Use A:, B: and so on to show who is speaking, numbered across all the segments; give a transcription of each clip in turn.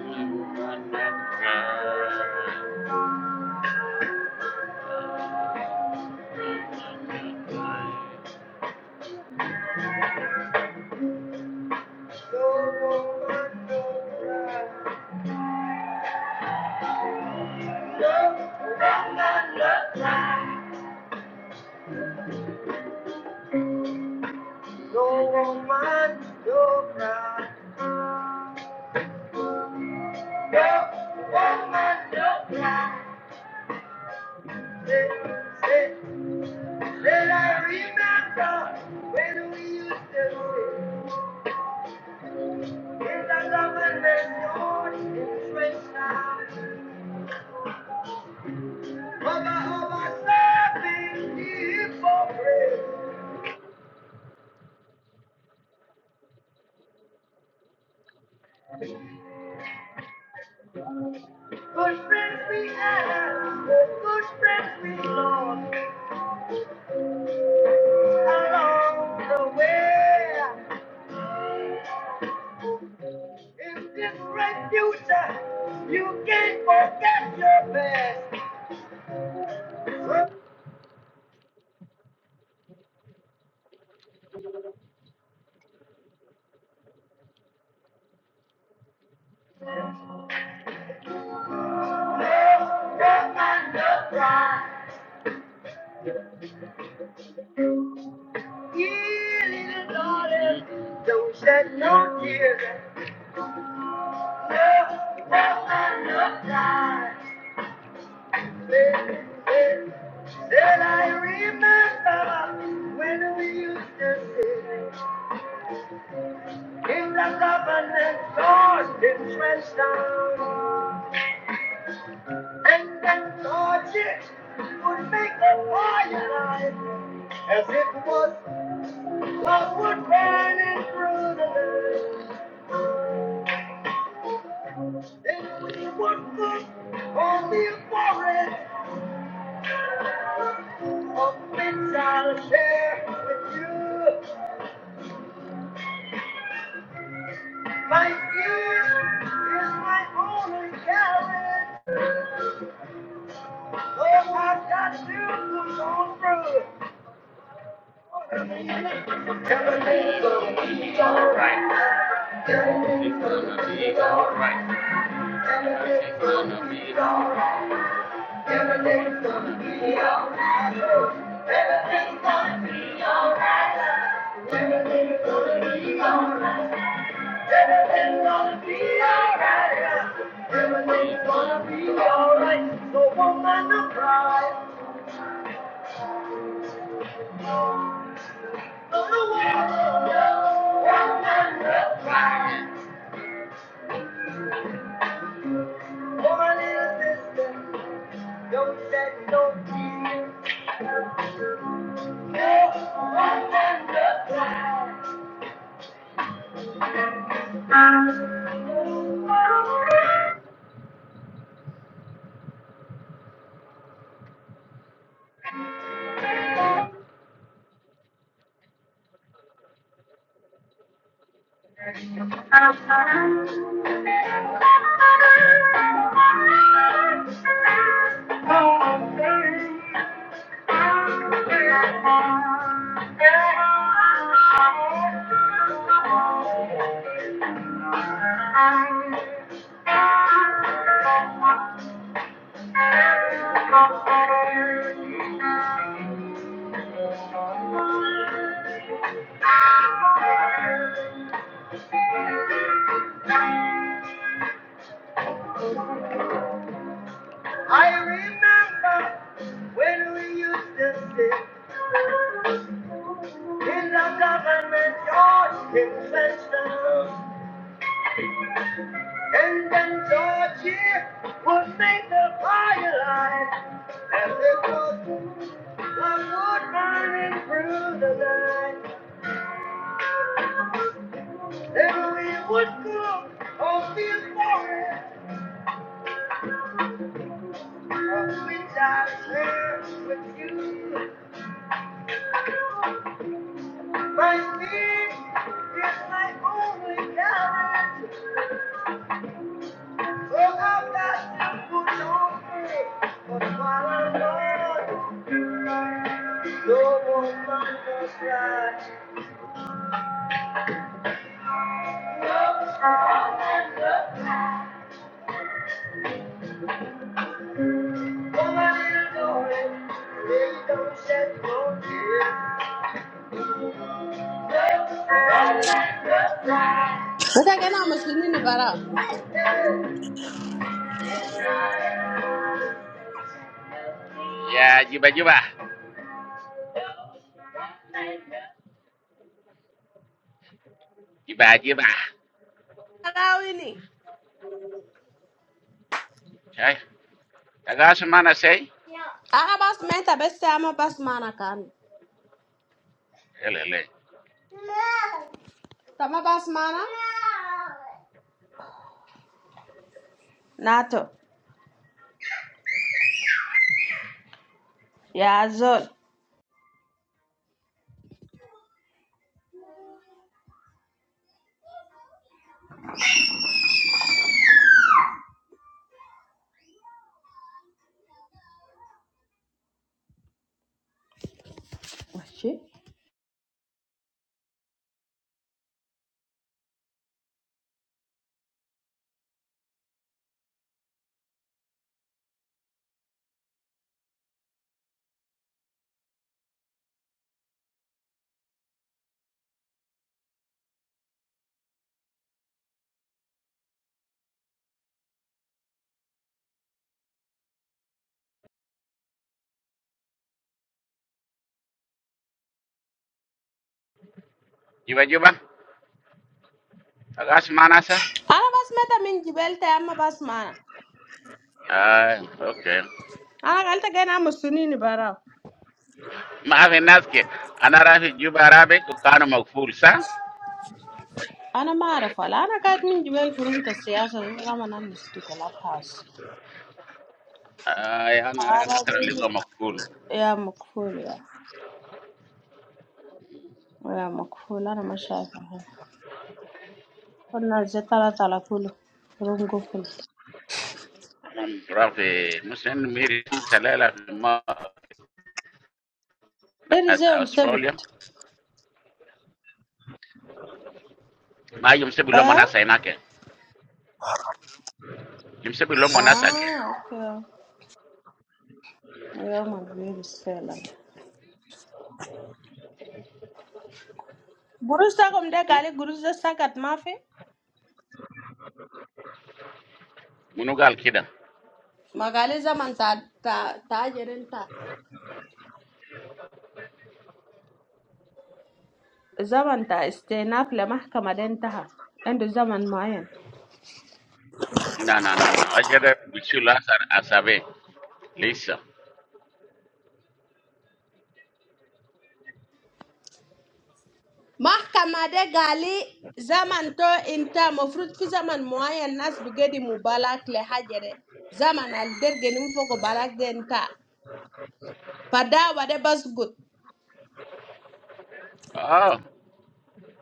A: No woman, no cry. No woman, no cry. Say, say, say, I remember when we used to sing in the government yard in Trenchtown. Over, over, serving people pray. Good friends we had, good friends we lost along the way. In this bright future, you can't forget your past. Look Up and up, right. Dear little darling. don't shed no tears. Up, up and up, right. Say, say, Said I remember when we used to sing. In the covenant, God did press down, and then torches would make a fire light, as it was a wood burning through the night. Then we would look on the forest of which I'll share with you. My gift is my only carriage, oh, I've got to push on through. It's alright. It's gonna be alright. It's gonna be alright. Everything's gonna be alright. Everything's gonna be alright. So woman to cry. So the world woman to cry. For my little sister, don't let no tears. No woman to pride. I remember when we used to sit in the government yard in Flintstone. And when Georgia would make the fire line, as it was I would burning through the night. Then we would go on the forest, of which I share with you. My skin is my only garment, so I've got to put on faith. But while I'm gone, no one must cry. No.
B: Ita gana musulmi ni bara.
A: Ya, jiba-jiba. Jiba-jiba.
B: Barawi ni.
A: Cai, taga mana sai?
B: Aga bas menta beste ama bas mana kan.
A: Lele.
B: Tama bas mana? Nato. Ya zol. Washi.
A: Jiba-jiba. Taga mana sa?
B: Ana bas menta min jibel ta ama bas mana.
A: Ah, okay.
B: Ana galta gana musulmi ni bara.
A: Maafin naske. Ana rafi juba rabe ku kanu makful sa?
B: Ana mara fala. Ana kat min jibel furun ta siyasa ni kama nan ni stu club house.
A: Ay, ana ra nakara
B: Arabi
A: ligo makful.
B: ya makful ya. Ya makful ana mashafa. Kuna zetala tala kulu. Rungo
A: Anam Rafi musin miri selera fi
B: It is
A: nas
B: um seven.
A: Australia. Ma yumse bilo
B: Huh?
A: manasa inake. Yumse bilo manasa ke.
B: Ah, okay. Well, my grade is failing. Gurus ta kom de gali gurus da sakat mafi.
A: Munugal kida.
B: Magali zaman ta ta ta jerin ta. Zaman ta istinaf la mahkama den taha. Endo zaman muayan.
A: No, no, no, no. Ajere bisula sar asabe. Lisa.
B: Mahkama de gali zaman to inta mofrut fi zaman muayan nas bigedi mubalak le hajere. Zaman al dergeni mfoko balak den ta. Fadawa de basgut.
A: Ah,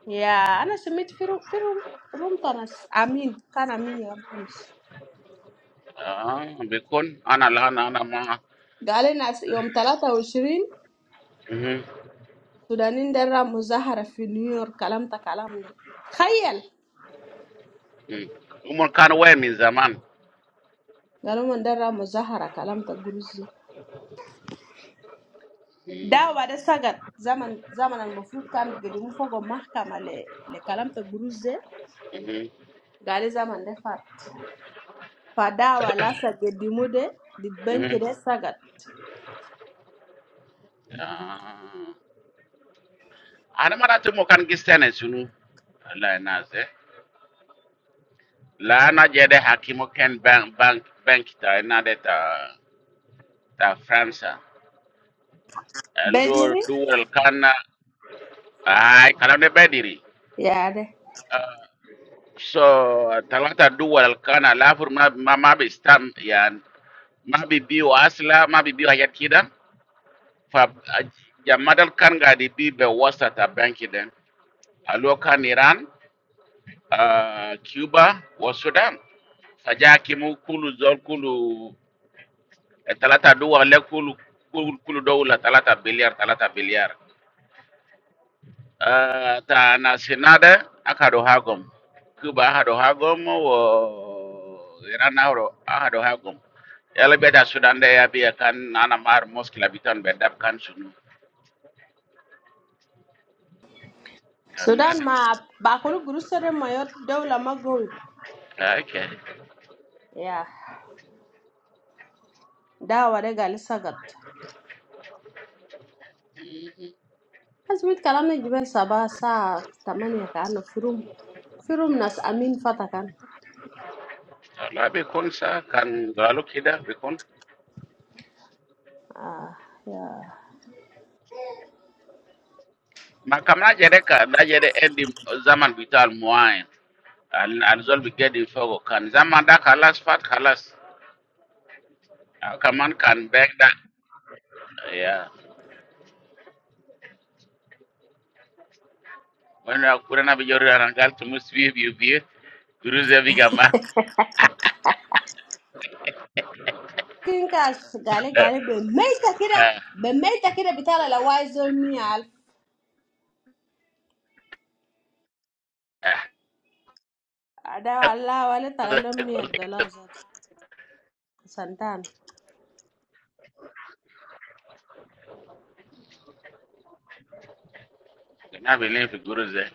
B: Yeah, I na submit firu firu room tanas Amin kan Amin ya bonus.
A: ah, bikun ana lana ana ma.
B: Galen as iom talata ushirin
A: Mhm.
B: Sudanin dera muzahara fi New York kalam ta kalam le. Khayel.
A: Mm. Umon kan we min zaman.
B: Galo mandera muzahara kalam ta guruze. Dawada sagat zaman zaman al mufrut kan gedimu fago mah kamale le kalam ta guruze.
A: Mhm.
B: Galo zaman dafat. Padawala sagedimu de de
A: Mhm.
B: bankira sagat.
A: Ah. Ana mara tu mo kan gistene sunu. La naze. La na jede hakimo ken bank bank bank ta na de ta ta Fransa. Eh, Lor
B: Bediri?
A: duel kana. Ai, kalau ne bediri.
B: Yeah de.
A: So talata duwal alkana lafur ma ma ma bi stam yani ma bi biyo asla ma bi biyo hayat kida fa a- jamadal kan ga di bi be wasa ta banki den alo kan Iran ah, Cuba wa Sudan faja kimu kulu zol kulu eh, talata duwal le kulu kulu kulu dowla talata biliar talata biliar Ah, ta na sinada akado hagom kuba akado hagom wo iran ahro akado hagom yala beta sudan de ya biya kan ana mar moskila bitan be dab kan sunu kan
B: Sudan
A: madam
B: ma ba kunu gurusare mayor dawla magowi
A: okay
B: ya dawa de gal sagat azmit kalamna jibel saba sa tamaniya ka anna firum firum nas amin fatakan
A: la be kon sa kan galo kida be kon
B: ah ya
A: ma kamna jere ka da jere endi zaman bital muain al al zol bi gedi fogo kan zaman da kalas fat kalas Ah, kaman kan beg da yeah Wana kura na bijoro ya rangal tumu swiye biyo biyo. Guruze biga ma.
B: kinka gale gale be meita kida
A: Ha.
B: be meita kida bitala la waizol mia dawa allah wale tala lo mia dollar zat santan
A: Na bilin fi guruze.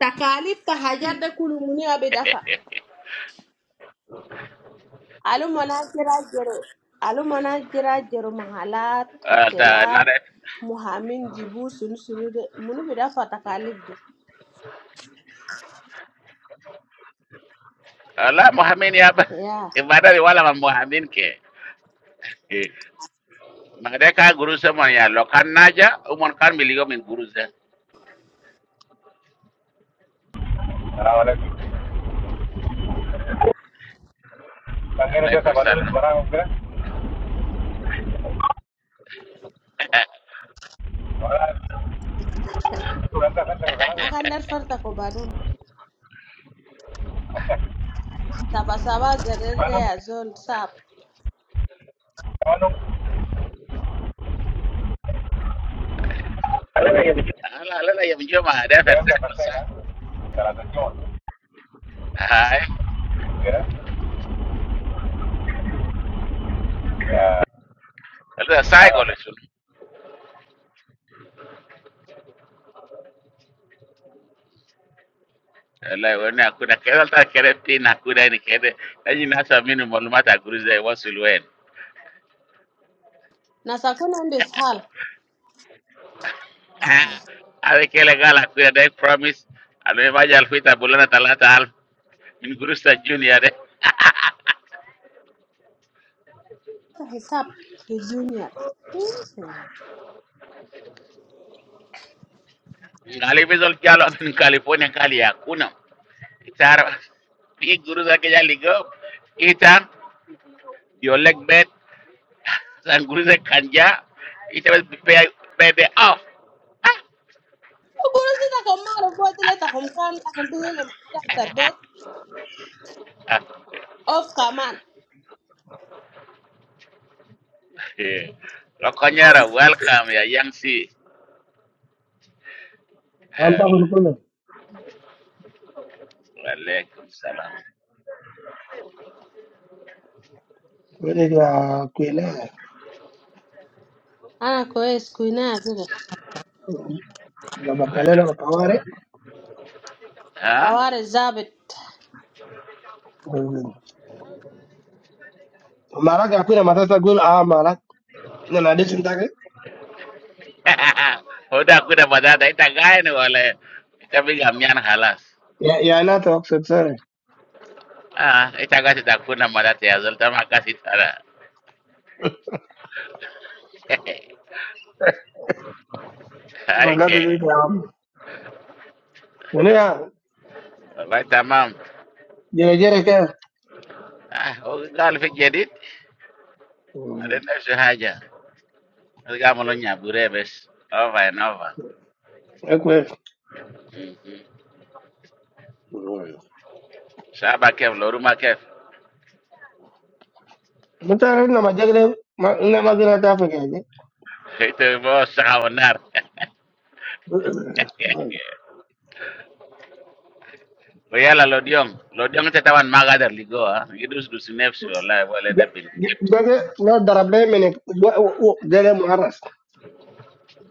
B: takalif ta hajar da kulumuni abi dafa Alumona jira jero alumona jira jero mahalat
A: Alta
B: hotelat
A: naret.
B: muhamin jibu sunu sunu de munu bida fata kalif de
A: Ala Mohamed ya ba.
B: ya
A: Ibada bi wala ma Mohamed ke. Eh. Magde ka guruze mon ya lokan naja. Umon kan miligo min guruze.
C: Karena valen, kangen itu
A: Alaikum
C: sama valen itu
A: salam.
C: berangkat ya. Turan terus terus ke luaran tuh.
B: na kandar farta ko badum saba saba zarere
C: Manu,
B: ya zol sab
C: manu. Ada lagi ya?
A: Ala ala la yamjo ma da
C: Dia
A: fersa
C: ada kereta
A: kusa.
C: ya? Karena itu tuh.
A: Hai.
C: Ya.
A: Ala sai
C: Ayo.
A: gole shun. Ala wana kuna keda alta kere pina kuna ni kede. Najina sa minu malumata guruze wasulu
B: na sakuna ndis hal
A: Alikele gala kuya dai promise alwe maja alfita bulana talata alf min gurusta junior de
B: ta hisab the junior Mhm.
A: ngali bezol jalo min california kali ya kuna itar bi guruza ke jali go itan your leg bed san guruza kanja itar be be be off
B: uguru sita ko maro fotile ta kom kam ta kom mahalat ta bet of kaman
A: lokonyara welcome ya yang si hello
D: أعتقد كله
A: alaikum salam
D: كويلي يا كويلي
B: ana ko es kuina azira
D: جاب كلنا القوارع
A: ha
B: taware zabit
D: مالك يا كويلي ما تقول آه مالك أنا ليش أنتك
A: huda hakuna madhara itagani wala itapiga amnyana halas
D: يا يا أنا توقف سوري
A: ah itakasi takuna madhara yazol tama kasi tara
D: ما قلت
A: aike
D: لك يا عم شنو يا
A: wallahi tamam
D: جري جري كده
A: ah gal fi jadid alin nafsi haja gamalo nyabure bes over and over
D: كويس
A: saba kef loruma kef
D: أنت عارف لما جاك ما أنا ما قلت أتفق يعني
A: ite bo sawa nar yala lodion lodion te tawan magadar ligo ah gidus dus nefsi wallahi wala debil
D: جاك لو ضرب لي منك ده محرس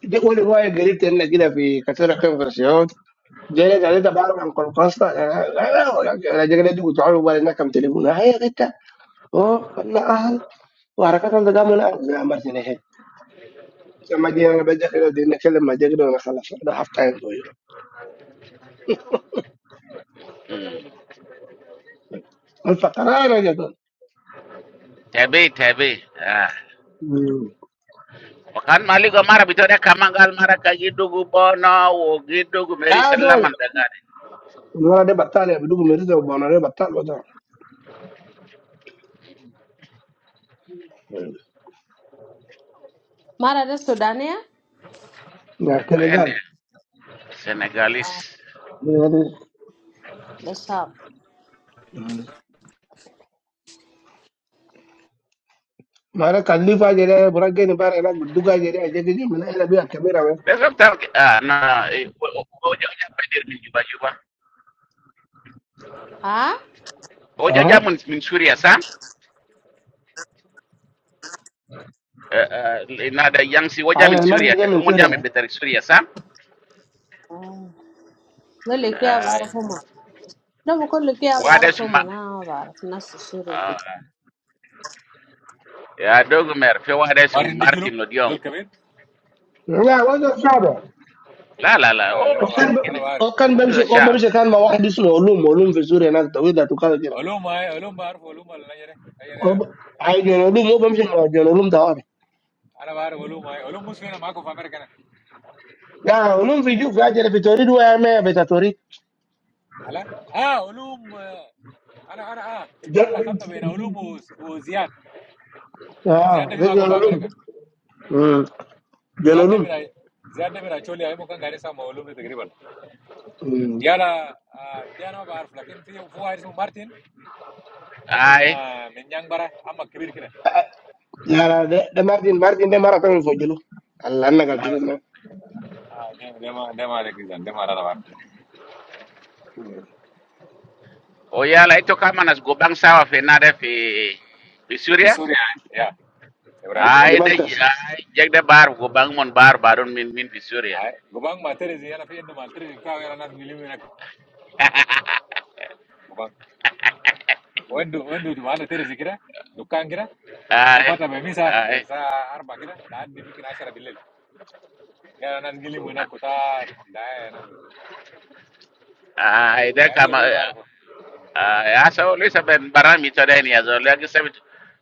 D: جاك ولي وايد قريب كده في كثير خمسة Jadi kalau kita baru yang konstan, kan? Kalau kita juga tidak tahu apa yang akan terlibun, ayat kita. Oh, mana ahal? Orang kata tidak mungkin lah. Lebih aman saja. Sama dia yang bekerja di sini selama bekerja dengan halus. Ada haftein tuh. Mufakar ada juga.
A: tabi tabi Ah. kan maligo mara bitore kamangal mara kagidugu bono wo gidugu meri
D: Ada.
A: sallaman dagani
D: Mau ada batal ya? Bukan itu, tapi mau ada batal bosan.
B: mara de sudania
D: Maksudnya
A: en
D: kan?
A: senegalis
B: the sab
D: Mau ada kalifah jadi orang ini baru yang kedua jadi. Jadi dimana ada biar kamera.
A: besok tar ah, na eh, wo- wo- pedir min juba juba
B: Ah,
A: woja
D: Aha.
A: jamun min suria sam Eh, eh, nada yang si woja min
D: Karena
A: suria
D: mesti
A: ka-
D: jangan
A: umun
D: surya.
A: jami betari suria sam
B: no lucky
A: Ai,
B: avarpho ma. No, because lucky
A: wada
B: avarpho ma
A: suma
B: na avarph na sushuradi.
A: ah, ya dogu mer fe wada
C: Mari
A: sum
C: ini julek.
A: martin lodion
C: Julek kabin?
D: Ya, wajar saja.
A: la la la
C: Ah,
A: oh
C: ada mau bar.
D: Ôcàn,
A: sharp
C: Aku
A: kid
C: mau bar.
D: ôcàn bấm,
A: to the
D: ôbấm
A: sharp
D: sẽ có một cái gì đó, ôlum, ôlum với rồi, nó có cái gì đó, ôcài gì đó,
C: Alum mau, alum bar, volum mau, na jere.
D: ôlum,
C: Ayere.
D: ôbấm sẽ có cái gì đó, ôlum đó
C: Aku mau bar, volum mau, volum musuhnya mau aku pamerkan ya.
D: à, ôlum với chú, chú ấy là bị tory, đứa em ấy bị tory,
C: Hala? Ah, volum. Aku, aku, ah. Aku langsung tuh, enak. Volum mus, mus ziat. Ziat
D: à,
C: demi
D: với cái
C: aku
D: ôlum,
C: pamerkan.
D: ôm, với
C: Ziat
D: cái ôlum,
C: demi Rai. Ziat demi Rai. Coba lihat, mau kan gali sama volum itu kiri kanan. ya lah dia nambah arif lah, kencil, voaris mau Martin, om
A: ai
C: minna minjang bareng, ama kebirkin ya,
D: à, để, để Martin, Martin để marathon với fujlo, Allah nhân cái
A: mara
D: điều này,
C: dema dema ada kisah, dema ada apa,
A: Oyala ito kama nas go bang sawa fi nada fi fi
C: di
A: Syria.
C: surya ya, seberapa gubang
A: Ay
C: ya,
A: da
D: Damascus,
A: ay jeg da bar go bang mon bar barun min min fi Syria.
C: gubang materi sih, ya nanti endu materi, kita akan nanti milimena gubang, endu endu cuma materi sih kira, dukkang kira,
A: Ay
C: ofat abe misa,
A: ay
C: misa, har bakira, lat dimi kena cara belil, ya nanti gili muna kutar, dayana kucing,
A: ay da
C: ya iya
A: kama
C: sul baraf,
A: ay asa o lisa ben barami to da ni azol ya gisa bit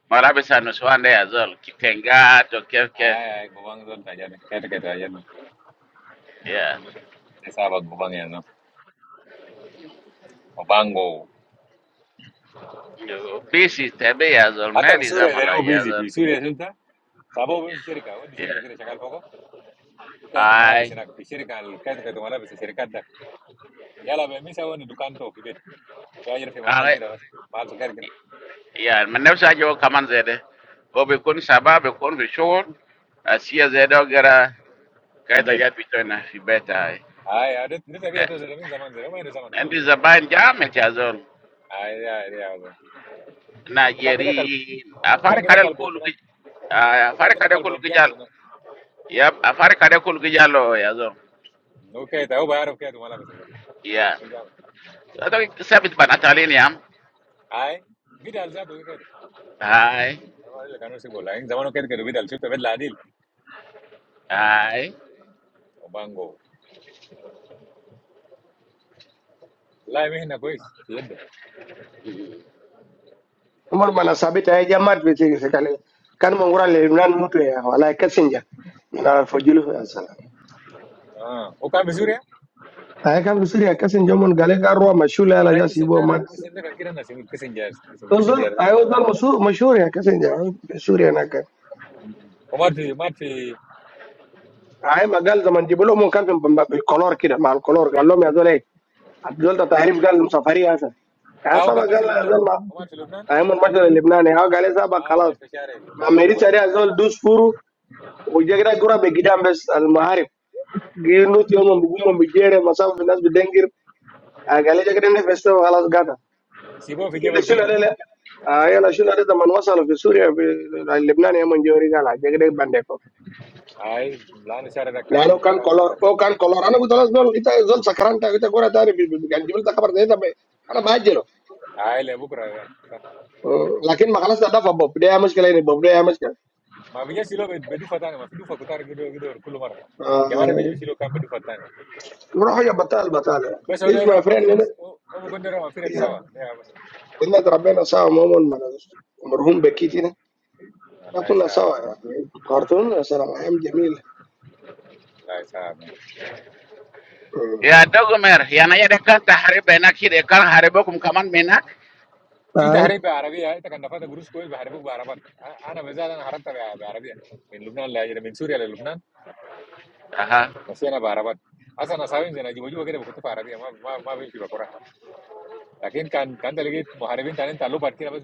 A: marabi sa no swanda ya azol kitenga to kef kef
C: aye aye gubang sulaja, kerkitaja,
A: yeah
C: desa abot gubang ya no, gubango
A: bisi tebe ya azol
C: حتى في
A: meri
C: سوريا ده
A: zamala
C: هو
A: ya
C: بيزي
A: azol
C: في سوريا شفت صابوه بيمشي شركه ودي شركه
A: yeah
C: كده شغال فوقه في كايته ملابس
A: ay
C: هناك في شركه الكايته كايته ملابس الشركات ده يلا بيمسها وين دكانته في بيت في اجر في محل
A: ay
C: كده بس محل سكر كده
A: ya min nafsa jo kaman zede o be kun saba be kun fi shor asiya zede o gara
C: في
A: kaita
C: بيت
A: ja pitona fi beta
C: هاي دي دي طبيعه
A: Eh,
C: توزن من زمان زمان وين زمان كله
A: endi
C: كله
A: zaban jam ti azol
C: هاي هاي هاي وكان كده كلب
A: najeri
C: كان
A: afar
C: كده
A: kadal
C: كلبه
A: kulu gi
C: هناك وكان
A: afar
C: كده
A: kadal kulu
C: كلبه
A: gi jal
C: بيعمل هناك
A: ya afar kadal kulu gi jalo ya zo
C: وكايته هو بيعرف كايته ملابس ده
A: ya
C: هو جامد
A: to sabit ban atalini yam
C: هاي بدل ذاته كده
A: hai
C: انا ما ادري كانوا سيبوا لكن زمان كده كده بدل شفت بدل عديل
A: hai
C: وبانجو لا مهنه كويس في يده
D: ở Marmanas, bị tay Jamart với cái gì, cái này, cái này mang của ra Lebanon, mua tiền, hoặc là cắt sinh nhật, marathon fujlo, Asalam.
C: ah, uka mesurya?
D: أيهم سوري يا
C: kencing,
D: كسين جمون عاليا الروا مشهور لا لا
C: walau ini
D: جالس يبغو
C: sendana,
D: ما
C: kencingnya kankeran nasi, kencingjar,
D: تصور
C: kencingjar,
D: أيه هذا مش مشهور يا كسين جام مشهور أنا
C: kamar di, kamar di,
D: كأيهم عال دماني جبلو ممكن في بال بال بالكولور كده مع الكولور قاللو ميزه لي عبد الله التهريب قاللو سفاري هذا
C: ah
D: هذا
C: uka masih
D: بعجله
C: lumbnan,
D: هذا ما
C: kamar lumbnan,
D: أيهم من بجده لبنان يا عاليا هذا
C: ah kamar
D: بقلاس
C: keciara,
D: ما
C: siapa nama
D: أمريكا
C: ya?
D: يا زول دوس فرو ويجيك ده كورة بقيادة بس المهارب غيروتي يومه بقوم بجيرة مصاب في ناس بدينغير عاليا جاكرين فيستو بقلاس قاتا
C: siapa?
D: الا
C: Fikyabel
D: شنو
C: pugna?
D: لا لا آه يلا شنو ده من وصل في سوريا في لبنان يا من جوري قال جاك بانديكو
C: ay, lana keciara kan,
D: لانه كان
C: kan khater
D: كولور
C: ke?
D: هو كان كولور انا قلت له زول انت زول سكران انت انت كوره داري يعني جبت خبر زي ده انت ب- انا باجله
C: ay, lebu kura ya,
D: آه، لكن ما خلصت ده فبوب ده يا مشكله يعني بوب ده يا مشكله
C: tapi Fikyabel bedu fatane, bedu fatan kuter ke dok, ke dok, kulo mara. jamane
D: آه،
C: Fikyabel si lo kame bedu fatane.
D: روحوا يا بطال بطال
C: Besoknya
D: ليش ما
C: Roma,
D: فرين
C: Fikyabel,
D: لنا
C: oh, uko konde Roma, Fikyabel sahwa, deh, lah.
D: ان ربنا سوا مومن مرهوم بكيتنا
C: Allah
D: كنا
C: sah,
D: سوا يعني خرطوم يا سلام ايام جميله
C: Allah sah.
A: ya dogomer ya na yede kan taharibe nak hide kan haribe kum kaman menak
C: Fi tahari be Arabi aya, takan nafaat guru skolis bahari buk buarabat. Aa, ane bisa jadi nharap tak be Arabi. Min luhnan lah, jadi min surya lah luhnan.
A: aha
C: Bisa jadi nbaruabat. Asa nasaibin jadi wujud agama itu para Arabi. Ma, ma, ma, biar kita berkoran. Tapi kan, kan, dalam itu mihari bin tanya talu berarti apa?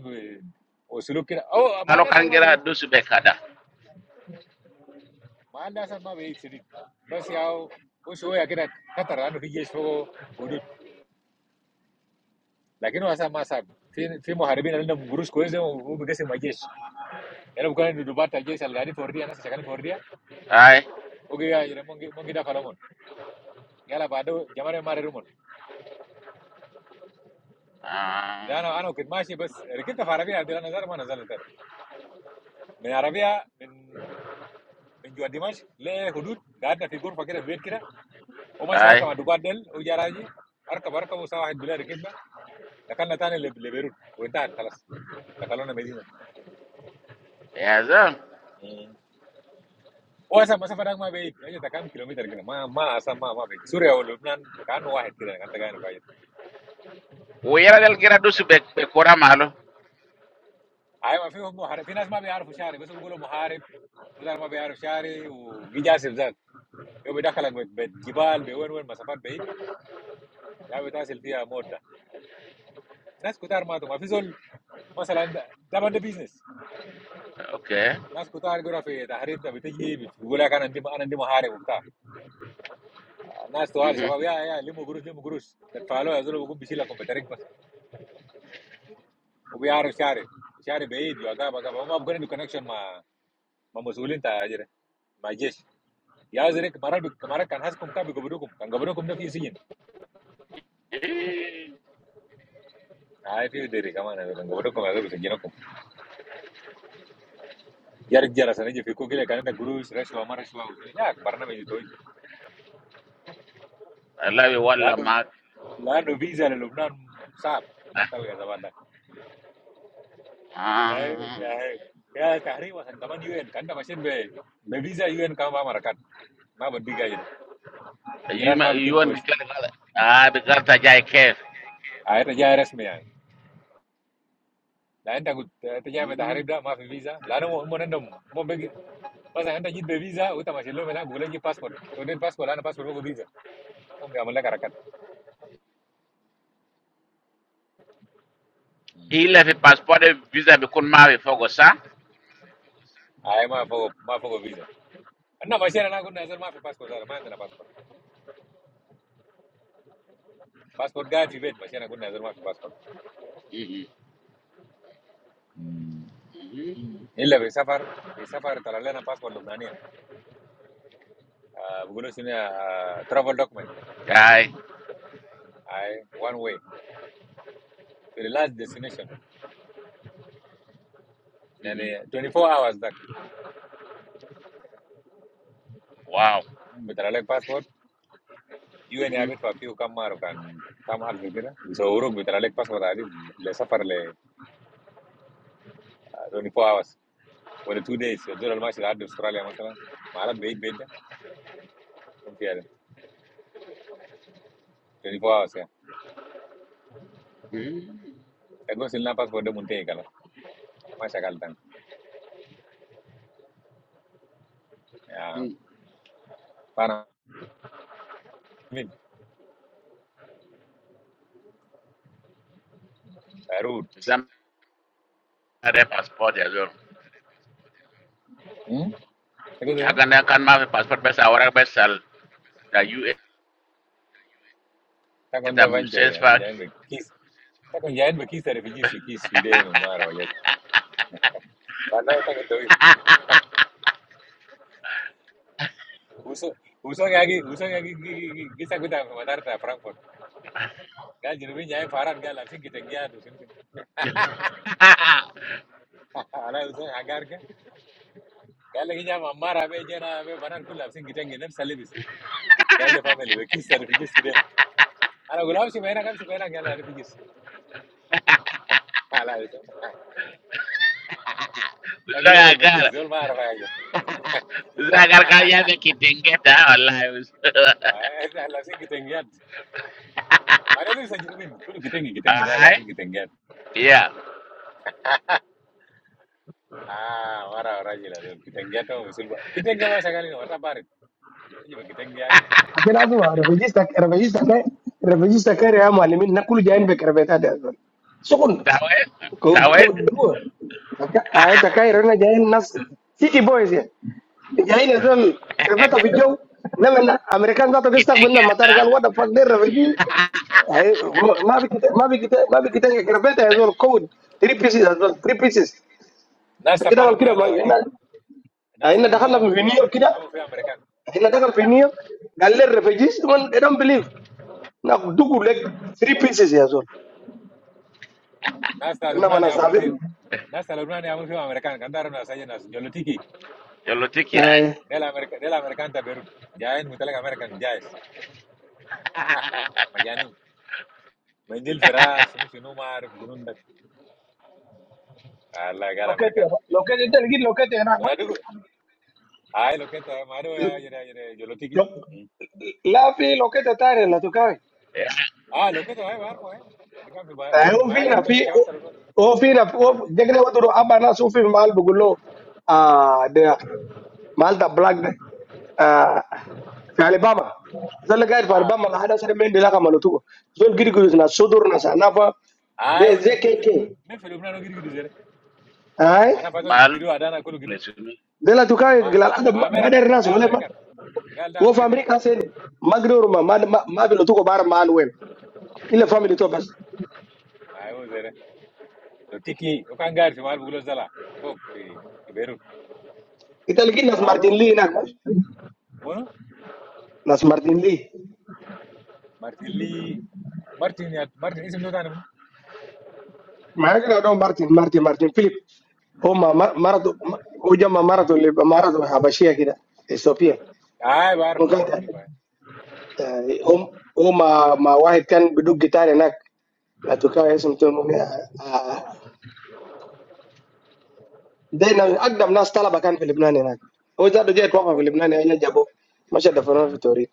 C: Osuluk kita. Oh,
A: alo
C: malah asal
A: kan
C: mau
A: gira
C: be.
A: dusu be kada
C: Malah asal mau be. Ciri. Bisa jauh. Usuaya kita khateranu fiji espo hurut. Tapi nu asal ma sab. Fi, fi mihari bin alam guru skolis jadi mau bekerja majes. Yang aku katakan dua kali majes algaris, florida, anak sejaka n florida.
A: hai
C: Oke ya, yang mau kita cari mon. يلا بعده جمال ما رمون انا
A: Ah.
C: انا كنت ماشي بس ركبت في عربيه عبد الله نزار ما نزلت من عربيه من من جوا دمشق لحدود قعدنا في غرفه كده في بيت كده وماشي حكى
A: Ay,
C: مع دوبات ديل وجا راجي اركب اركب وساعه واحد بالله ركبنا دخلنا تاني لب- لبيروت وانتهت خلاص دخلونا مدينه
A: yaza.
C: مم. واصلا المسافه هناك ما بعيد اجت كام كيلومتر كده ما ما اصلا ما ما بعيد سوريا ولبنان كانه واحد كده كانت كانه بعيد
A: Uyelagel giradusi be, be kora malo.
C: ايوه ما فيهم محارب في ناس ما بيعرفوا شعري بس بيقولوا محارب وده ما بيعرف شعري وجي جاسف ذاك yo me da carlengue, bebe gibal, beone one más aparte, ya me da asistencia a morda. ¿Nas cuántas armas tú? ¿Más fácil? ¿Más leandro? ¿Debando business?
A: Okay.
C: ¿Nas cuántas gorrafes de tarifas? ¿Vitegi? ¿Vos le acá no andi, no andi mejoras? ¿Nas tuales?
A: Mm-hmm.
C: ¿Chava? ¿Vaya, vaya? ¿Llevo cursos? ¿Llevo cursos? ¿De talo? ¿Eso lo vengo diciendo con meteripas? ¿O voy aros? ¿Sí? ¿Sí? ¿Beide? ¿Yo acá? ¿Acá? ¿Vamos a buscar una conexión más? ¿Más usual en tal área? ¿Majes? ¿Ya es de qué? ¿Marac? ¿Marac? ¿Con has compa? ¿Vengo por lo compa? ¿Vengo por lo compa? ¿No quieres ir? ¿Ay, pero de qué? ¿Cómo anda? ¿Vengo por lo compa? ¿Vamos a ir? ¿No compa Yarek jara sana je fiku kile kanenda gurush rashwa ma rashwa usini ya barname ji toy
A: Alawi walla
C: lano
A: mak.
C: lano visa le Lubnan sab tal ga zabanda
A: Ah.
C: ai ya tahri wa san kaman UN kanda mashin be be visa UN ka ba marakat ma bandi ga jene
A: You,
C: yiran
A: ma-
C: ma
A: you
C: bitim
A: want be
C: kois
A: careful. Ah, be careful jai kef.
C: ay ta jaa resmi ya lain enta gut ta jaa be tahri
A: Mm.
C: da ma visa lano mo mo nandam mo be masa enta jit be visa uta mashin lo mena bugule ji passport to den passport lano passport ko visa mo be amala karakat
A: Ile fi passport e visa be kun mawe fogo sa.
C: ay ma fogo ma fo go visa Na, masina na kuna, ya zil maafi passkort zao, ma yandena passport. Passport guide, masina na kuna, ya zil maafi passport. Hmmmm.
A: Mm.
C: Hila, we safar, we safar, tala lana passport, lumbaniya, bukulu, si mea, uh, travel document,
A: Ay.
C: aye, one way, very large destination.
A: Mm-hmm.
C: Nani 24 hours tak,
A: Wow.
C: we tala lak passport, UNIA
A: Mm-hmm.
C: habitwa few kamaruk, kamaruk, kamaruk, so uruk, we tala lak passport ali, le safar le 24 hours. Wanda two days, yote, na maa, si la maa, si la maa, si la maa, si la maa, si la maa, si la maa, si la maa, si la maa, si la maa, si la maa, Ya, para Mick,
A: Zam are passport yazo.
C: Hmm? Tako da,
A: Aganda kan mawe passport besa awara besal. Da you
C: tako
A: eta
C: nda banchare ya, to
A: musesfa
C: jaen be kis. Tako jaen be kis are fijis fijis fide no mar waya. Pana ta ko toy. Uso uso ngagi uso ngagi gisa kuta matar ta Frankfurt. kan jadi jaen farat ga lapsin kitengya to sin sin. Ala uso agar ga. kan lagi jam amar abe jana abe banan kul lapsin kitengya nem salibis. Ga le family be kis are fijis fide. Ala gulam si mera kam si mera kan la are fijis. Ala uso. Tako dol be kis
A: Zagara.
C: dol mar waya.
A: Zagara kaya me kitengeta wallahi.
C: Lapsin kitengya Mara sajirubin kulu kitenge kitenge dala
A: Ai.
C: tu kitenge
A: Yeah.
C: ah mara oraji la tu kitenge to misulba kitenge ma shagali no wata barit tuji ba kitenge yake
D: لكن لازم رفجيستا رفجيستا كاي رفجيستا كاي يا معلمين ناكل جايين بكربيتات يا زول شغل
A: Tawe.
D: كود
A: Tawe
D: كود دو انت كاي رنا جايين ناس سيتي بويز يعني. جايين يا زول كربيتا في الجو لما الامريكان ذاته بيستقبل لنا
A: kitengeta.
D: مطار قال وات فاك دير رفجي هي- ما في كتا- ما في كتا- ما في كتا- كربيتا يا زول كود 3 بيسز يا زول 3 بيسز
C: nasta
D: كده
C: para ma
D: كده
C: yata
D: ما-
C: harakat
D: هنا
C: nasta
D: هنا
C: lubnan
D: دخلنا في
C: amul fiu
D: نيويورك
C: amere
D: كده
C: amul fiu amerikan
D: هنا دخل في نيويورك قال لي الرفجيس they don't believe Nah, dugu leg three pieces ya, so.
C: nasta
D: Emang
C: lubnan
D: mana
C: amul fiu
D: stable?
C: nasta lubnan amul fiu amerika kantaro na saje nas jolotiki
A: Yolotiki ya.
D: Aiy.
C: dela amerika dela amerikan ta Beirut jaen mutalek amerikan jais majanin menjil fera sunu sunu mar junun dak ala gal
D: Loket ya,
C: amerikan
D: loket itu lagi loketnya, nah, ma.
C: ora dugu ay loketa maro ya jere jere jolotiki
D: Lo, lah, fi loket itu aja lah, tuh kaya.
A: Yeah.
C: اه لو كده ايوه عارفه ايه اللي كان في بي- بيروت
D: Ayo
C: ما
D: fi,
C: عارف
D: na
C: قلت
D: fi,
C: لك شباب بتاع لبنان
D: oh, fi, na, oh, jadi apa tuh? Abangnya sufi, mal bukulo, ah, deh. Malta black, de. ah, fi Alabama. Zalga itu
C: اه
D: Alabama, lah ada seorang main di laka malu tuh. So, kiri kiri sih, na sudur nasa, nafa.
C: ايوه زي مين في
D: Bzkk,
C: لبنان مين في لبنان وجد جدو زي
D: aiy.
C: انا فاتو جد
A: Malu.
C: جدو هذا انا كله جدو
A: lesuno.
D: Della tuh kaya
C: ما
D: gelar, ada
C: ما امريكان
D: modernas,
C: ده
D: boleh ma.
C: امريكان قال ده
D: wo fa
C: امريكان
D: Amerika kasen magdor ma ma ma ma bilo tuko bar man wen ila family to bas
C: ايوه زي ده لو تيكي وكان قاعد في مال بيقولوا زلا فوق في في بيروت
D: italgi nas martin
C: معروف
D: lee nak bas
C: منو
D: nas martin lee
C: مارتن لي مارتن يا- مارتن اسم ده ثاني منو
D: ma hakra do martin martin martin philip o ma marato o jama marato le marato habashia kida ethiopia
C: اي بعرف
D: o kan
C: بعرف كل باي
D: o ma ma wahid kan bidug gitar e nak la to ka ism to mo دين اقدم ناس طلبه كان في لبنان هناك هو زاد جاي توقف في
C: كنت
D: لبنان هنا جابوه مشى دفنوه في توريد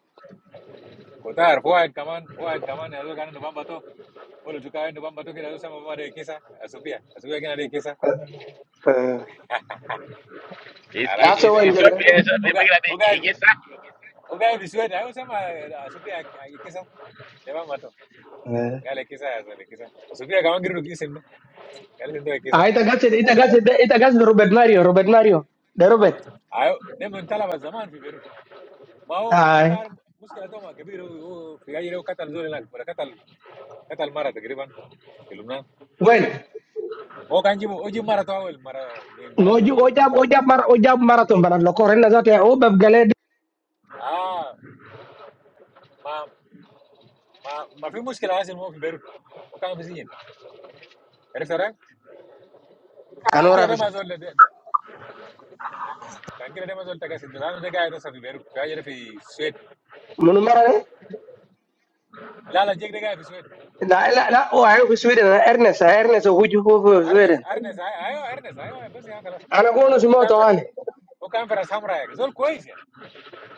C: كنت عارف واحد كمان واحد كمان يا زول كان نوبامبا تو ولا جو كان نوبامبا تو كده زول سما ما ده كيسا اسوبيا اسوبيا كده ده
A: Is
C: Araje
D: هسه
A: is
C: de
D: وين
A: is
C: amak
A: your
D: جاكرا
C: amak.
A: place of the
C: Oga oga
A: big igesa?
C: oga bisueta. Yo sama asupia akikisa. Deba mato. Gale kisa ya zale kisa. Asupia kama giru kisin da. Gale sendo kisa.
D: أهذا غازد هذا غازد هذا غازد روبرت ناريو روبرت ناريو ده روبرت
C: Ayo dem ntala ba zaman fi Beirut. Ma ho
D: آه.
C: itar muskila to ma kabiru o fi gajire o katal zole lan. Wala katal katal mara takriban fi Lebanon.
D: وين؟
C: Ma ho kanji mo oji mara to awel mara min banat
D: نو
C: lo tuko.
D: جاب نو جاب نو جاب مار نو جاب ماراثون برا. لو كورن نزار تيا هو بعمله.
C: Ah ma ma ma fi muskila hasil mo fi Beirut. O kan fi sijin. Arif tara? Kan kira
D: كنورة.
C: dem azol kan kira dem azol takasi. Dilano de gaeta sa fi Beirut. Fi gajire fi Suez
D: منو مارا؟
C: la la llega llega a visitar
D: لا لا لا. أوه أنا في سويسرا أنا إيرنس إيرنس ووو في
C: Ernest
D: سويسرا
C: Ernest ay ay Ernest ay ay pues ya Carlos
D: أنا كونش
C: o camper
D: موتوا هني.
C: o camperas hamra ya solo cohes ya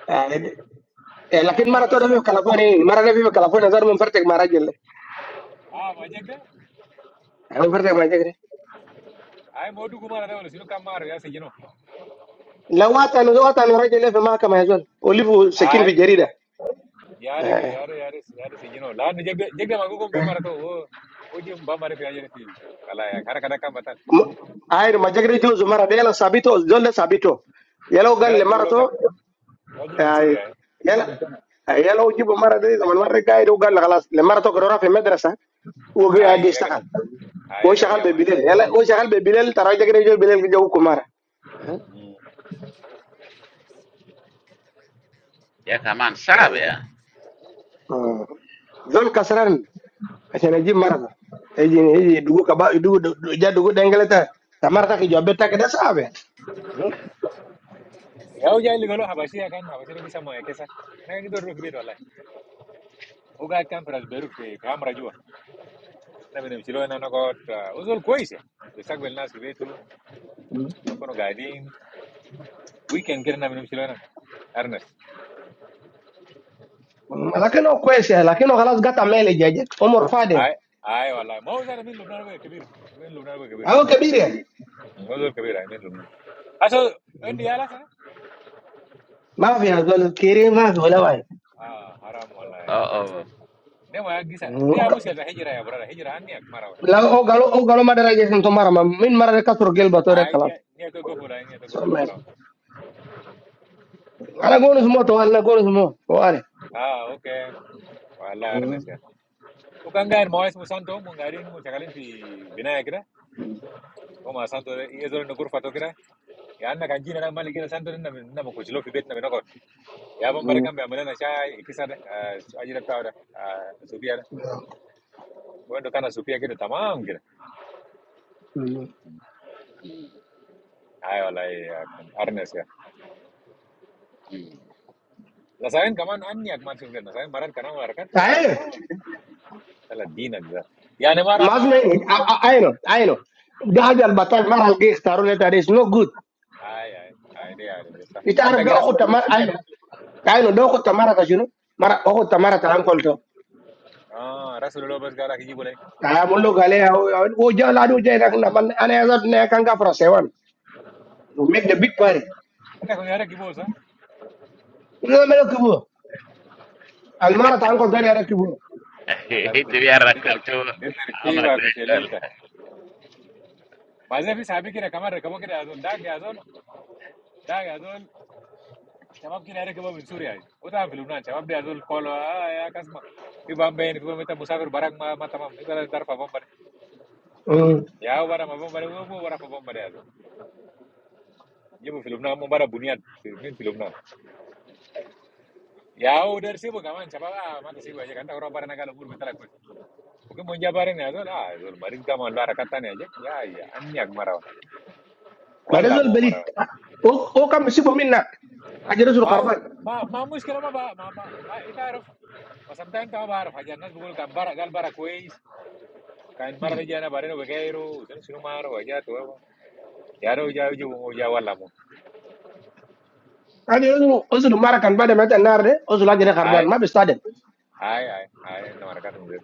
D: آه.
C: o
D: لكن
C: campera habas
D: ماراثون في
C: ya
D: بكالفورني ماراثون في بكالفورني نزار ممتازك ماراجي.
C: ahm llega
D: ممتازك ماراجي.
C: ay modu Kumar está bueno sino camara ya se lleno
D: لغواة أنا لغواة أنا ماراجي لفما هكا ماجول أولي بو سكين في
C: ay
D: جري
C: ya
D: ده.
C: llega ya llega ya llega ya llega se lleno la llega llega mago como me mata o o o que vamos a hacer ahí la cara cara campan
D: ayir majagri juzu mara de yala sabito zolle sabito yalo galle
C: ganas de hablar
D: marato
C: con alguien mensur
D: ay
C: ya eh
D: yala ay yalo jibo mara de zaman mara gaido galle khalas le marato ko rafi madrasa wo gi
C: ahí
D: agi
C: ahí ganas
D: istakal wo
C: ahí ganas
D: shagal
C: ya
D: be
C: me
D: bilal yala wo shagal be bilal tara jagri juzu bilal gi jawu ko mara
C: ay
A: Ya kaman sabe ya.
D: zol kasran asana jib mara eji eji dugu kaba dugu jadugu dengeleta tamarta ki jobbe tak da sabe
C: ya oye ligado habas ya gan habas ya lo que sea moya qué pasa me hago todo el rufio de la Oka camperas rufio hamra juva na mchilo na nakot uh, uzul kwese ustakbel nas kibetu na kono gaidin weekend kile na mchilo na arnas
D: lakini kwese lakini khalas gata mele jaje umur fade
C: ay ay wallahi mo zara min lubnan ba kabir min lubnan ba kabir
D: au kabiri
C: mo zul kabir ay min lubnan aso ndi yala sana
D: Maaf ya kalau kiriman gula gai.
C: ah haram wallahi
A: Oh oh.
C: ne ma gisa de
D: Oh
C: ya muskil da hijra ya brada hijra anni ak marawa
D: kalau oh kalau menerima jangan sembarangan. Min makanan kasur gel baterai
C: ay
D: kalau.
C: ni ni to gofula ay ni to gofula
D: Sama.
C: marawa
D: Ada gunis mau tuan lah, gunis mau. Oh ada.
C: ah okay wallahi arnas ya ukangaen mo es musanto mo gaidin mo chakalin fi binaya kida o ma santo yezo no kurfa to kira ya anak anjing ada yang malikin santunnya, namanya mau khusyul, pibetnya menakut. ya paman mereka memilihnya siapa, kisaran, aja tetap aja. supir, kau itu karena supir kita tamang gitu, ayolah ya, arnes ya. lalu saya ini kaman an nyak masih udah nanya, marah karena orang kat, ya
D: Ayo.
C: iya, kalau dean aja, ya nemar
D: Masih.
C: ama,
D: Ayo. Ayo. Dari albatra, makanya kita harus taruh lebaris. No good.
C: ay ay, ide ide besar.
D: Itu
C: anda
D: harus dia
C: kira
D: aku
C: rasul khusus,
D: tamara. Ayo. Ayo. Dia aku tamara kasih lo. Mereka aku tamara telan koltro.
C: ah rasulullah bersikap kijibule,
D: Ya mulu galah. Oh jangan lalu jangan. Aneh satu nekangga from seven. Make the big pare.
C: kita punya ada kibul sah,
D: nggak melukuhu, almarah tahun
C: udah
D: kau
C: mulai,
D: dari area cukuh,
C: allah
A: Hiti ya
C: terkini, udah
A: rakabtu. I'm
C: terkini,
A: a
C: wah
A: great
C: khusyuli
A: girl.
C: sah. baca puisi habi kita kaman, kamo kita adon, dag ya adon. da ya tuh siapa kita hari keberapa disuruh aja, itu aja filmnya, siapa dia tuh kalau ya kasih, itu bumbin itu kita musafir barang ma matamam itu adalah daripapa bumbin, ya barang apa bumbin itu apa daripapa bumbin ya tuh, jadi filmnya apa bumbin buniat filmnya, ya udah sih bukaman, siapa ah matasih buat aja kan, dah orang baran agak luar betul betul aku, oke monja baran aja tuh, ah itu baris kaman luar katanya aja, ya ya, anjak marah,
D: mana
C: allah
D: soal
C: mau
D: beli,
C: marah,
D: o o kamu sih peminta, ajaran suruhan,
C: mau mau masuk ke rumah, mau itu ajar, pas entah entah mau ajar, hajatnas bukan barang, gal barang kuis. Kan mara de jana bare no bekeru, sen sino maro vaya todo. pues. Ya no ya yo ya hablamos.
D: ayo, ayo suruh marahkan pada meten nara de, o suruh ajaran karban,
C: Ay,
D: mah bisa deh,
C: ay, ay, ay, no maracata un zero.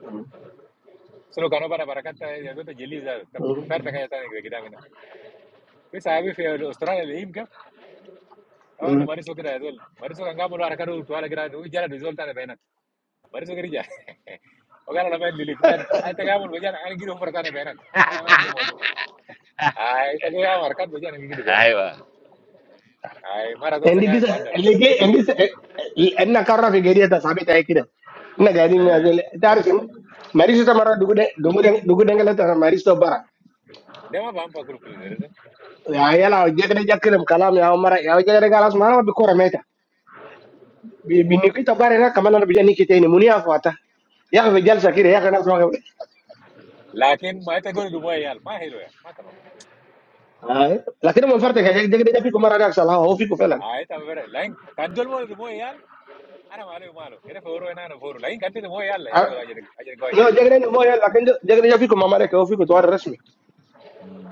C: Solo cano para maracata ya no te geliza. Perfecta ya tan que quedame. Pues sabe fe Australia le imka. Ah no mariso que da dol. Mariso kan gamo la caro tu ala grado ya la resulta de pena. Mariso que ya. O gana la mel lifta. Ay te gamo lo ya an giro por tan pena. Ana me ande modo. Ay, te gamo maracata ya an giro pena.
A: Aiwa.
C: Ay, mara todo se
D: ini
C: cae
D: kisah,
C: madam.
D: lega, ini, enak karena figuritas, sabit aja kira, enak jadi,
C: Eh.
D: tarik, mari kita marah dukun, dukun, dukun enggaklah, mari stop barang,
C: Dema pampa kulu kulu.
D: ayolah, jangan jangan kirim kalau, ya mau marah, ya jangan kalah semarah, bih kura mete, bih nikita barangnya, kemanan bih nikita ini, muni aku kata. يا اخي الرجال شاكير يا اخي، ناس ما قبل.
C: la que en maitego de rumo ahi al maestro ya matamos
D: آه. لكن من فرتك
C: matamos
D: جاك جا فيكم مره راكس على الهواء، هو فيكم فعلا.
C: ahí está el ver el line cuando el mo de rumo ahi al ahora malo malo que le favoro es naranjo favoro line cuando te rumo ahi al ya
D: آه.
C: solo allí allí el guaje
D: لا
C: allí
D: جاك جا مو يلا، لكن جاك جا فيكم امريكا، هو فيكم طوال رسمي.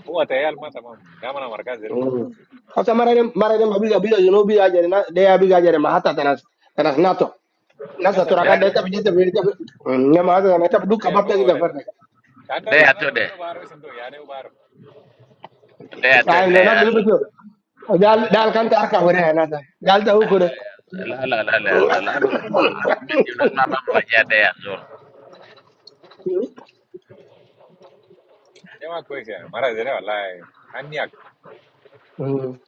C: como a te ahi al matamos ya manamarcas de
D: مم. حتى مره مره لما بيجا بيجا جنوبي اجي ده بيجا اجي ما حتى تناس تناس ناتو ناس
C: la es
A: There
D: تراك ده
C: trágico
D: تبي تبي لما هذا انا تبدو
C: con que el
D: كباب
C: fuego
D: كده
C: vale
D: فرتك.
C: tanto esas
A: there
C: no
A: to
C: se porque
A: there.
C: no barro sin todo ya no barro
A: There to
D: آه ناس
A: there.
D: اللي بيجوا
C: de
D: قال
C: da
D: قال
C: gasta
D: كانت
C: que
D: اركب
C: ya no
D: وراها ناس قال ده هو كده.
A: لا لا لا لا يا زول انا انا من دي الناس ما بعمل حاجات دي يا زول أه،
C: ya no coyes ya mala de nevala niac
D: مم.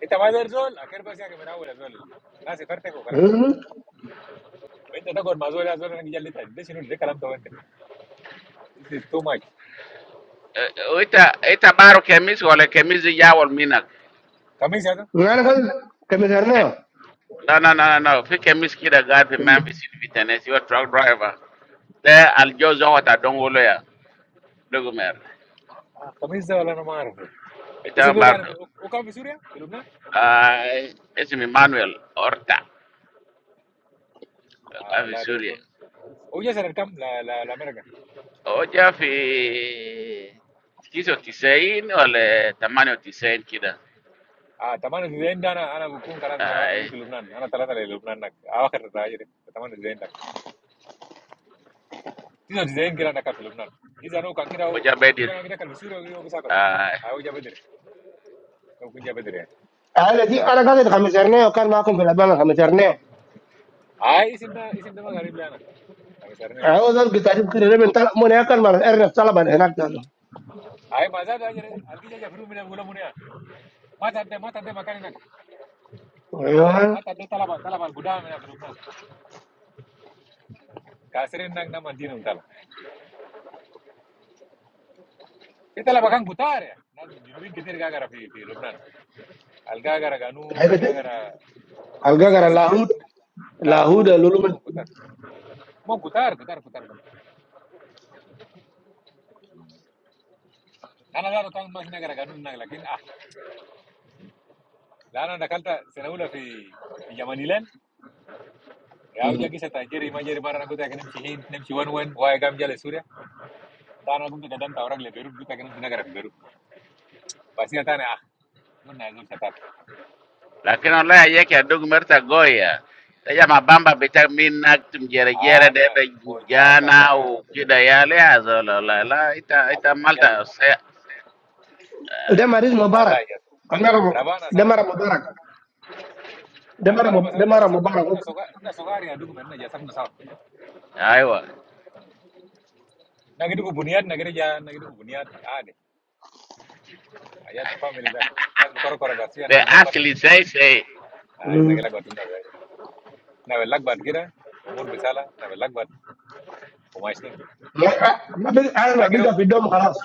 C: esta más del sol aquí el pese que me nado del sol no se parte con cala
D: مم.
C: vente a tocar más o menos del que ya le está diciendo dice calamito vente this is too much
A: وانت انت بارو كميس ولا كميس يجاول منك
C: camisa
D: انا كنت كمثرناه
A: لا لا لا لا في كميس كده قاعد في ممفيس في تنسي هو تراك درايفر ده الجوز هو تاع دونغولو يا دوغمير
C: آه خميس ده ولا انا ما اعرف إيه.
A: انت
C: اسم ده يعني
A: بارو
C: وكان في سوريا في لبنان
A: آه اسمي مانويل اورتا
C: اه
A: قاعد في
C: والله ده
A: سوريا
C: بكون هو جه سنه كام لا لا لامريكا
A: هو جا في 99 ولا 98 كده
C: اه 98 ده انا انا بكون خلاص يا انا بجي
A: آه
C: في لبنان انا ثلاثه للبنان هناك اخر راجل 98 ده 99 كده انا كان في لبنان اذا هو كان كده هو
A: وجا
C: وكان كده كان في سوريا وهو بيسافر
A: بدري
C: آه هو جا بدري هو كان جا بدري يعني
D: انا دي انا قاعد خمسرنيه وكان معاكم في الابان خمسرنيه
C: اي اسم ده اسم ده ما غريب لي انا خميس سرنا ده
D: هو ده القتالين كده ليه من طلب من ياكل من الارنب طلبا هناك ده
C: اي ما زاد اجي الجي جا في رومي ده بقول لهم ما تعدي ما تعدي مكان هناك
D: ايوه
C: ما تعدي طلبه طلبه القدامى هنا في لبنان كاسرين هناك نعم دينهم Itu adalah bahkan kutar ya. Nanti jurobin kedir gak kara di di Lombok nanti. Al gak kara kanun, al
D: حاجه دي.
C: gak kara
D: الجزر
C: lomasiasi,
D: اللاهود لاهود
C: lahut,
D: اللولو
C: mau kutar. Mau kutar, kutar, kutar kan. Karena lara kau masih negara kanun naga, tapi ah, lara nakal ta sena bola di di Yamanilan. Ya udah kita ceta jerry, mager mager orang kutar karena sihein, nam siwan wan, gua ekam jal surya. Tahan agung ke jadang, taw orang le beruut gua karena si negara beru. Biasanya tahan ya ah, gua nazar ceta.
A: lakini olaya yeke adugu merta goya teja mabamba bita min nakt mjerejere
C: Ah,
A: debe
C: ojasa apa?
A: jana u kida yale azolo la la ita ita
C: Agok mujasa.
A: malta se
D: ده مريض
C: Oalah
D: مبارك
C: ya.
D: كان مرة-
C: Ramah
D: ده
C: nasawa.
D: مره مبارك ده
C: An
D: مره
C: araba sa
D: ده
C: na
D: مره
C: jasab na
D: مبارك
C: na soga na sogari adugu men na jasab na sal.
A: aiwa
C: Na gidu ku buniat na gidu ja na gidu ku buniat ade. Aya ta family dak. Nas be koro koro batri
A: le
C: nas belak bat.
A: asli sei sei
C: Ah na
D: مم.
C: gelak bat na be. Na belak bat gira umur besala na belak bat bumashin.
D: ما- ما بيجي- انا ما
C: Lakino
D: بيجي في الدم خلاص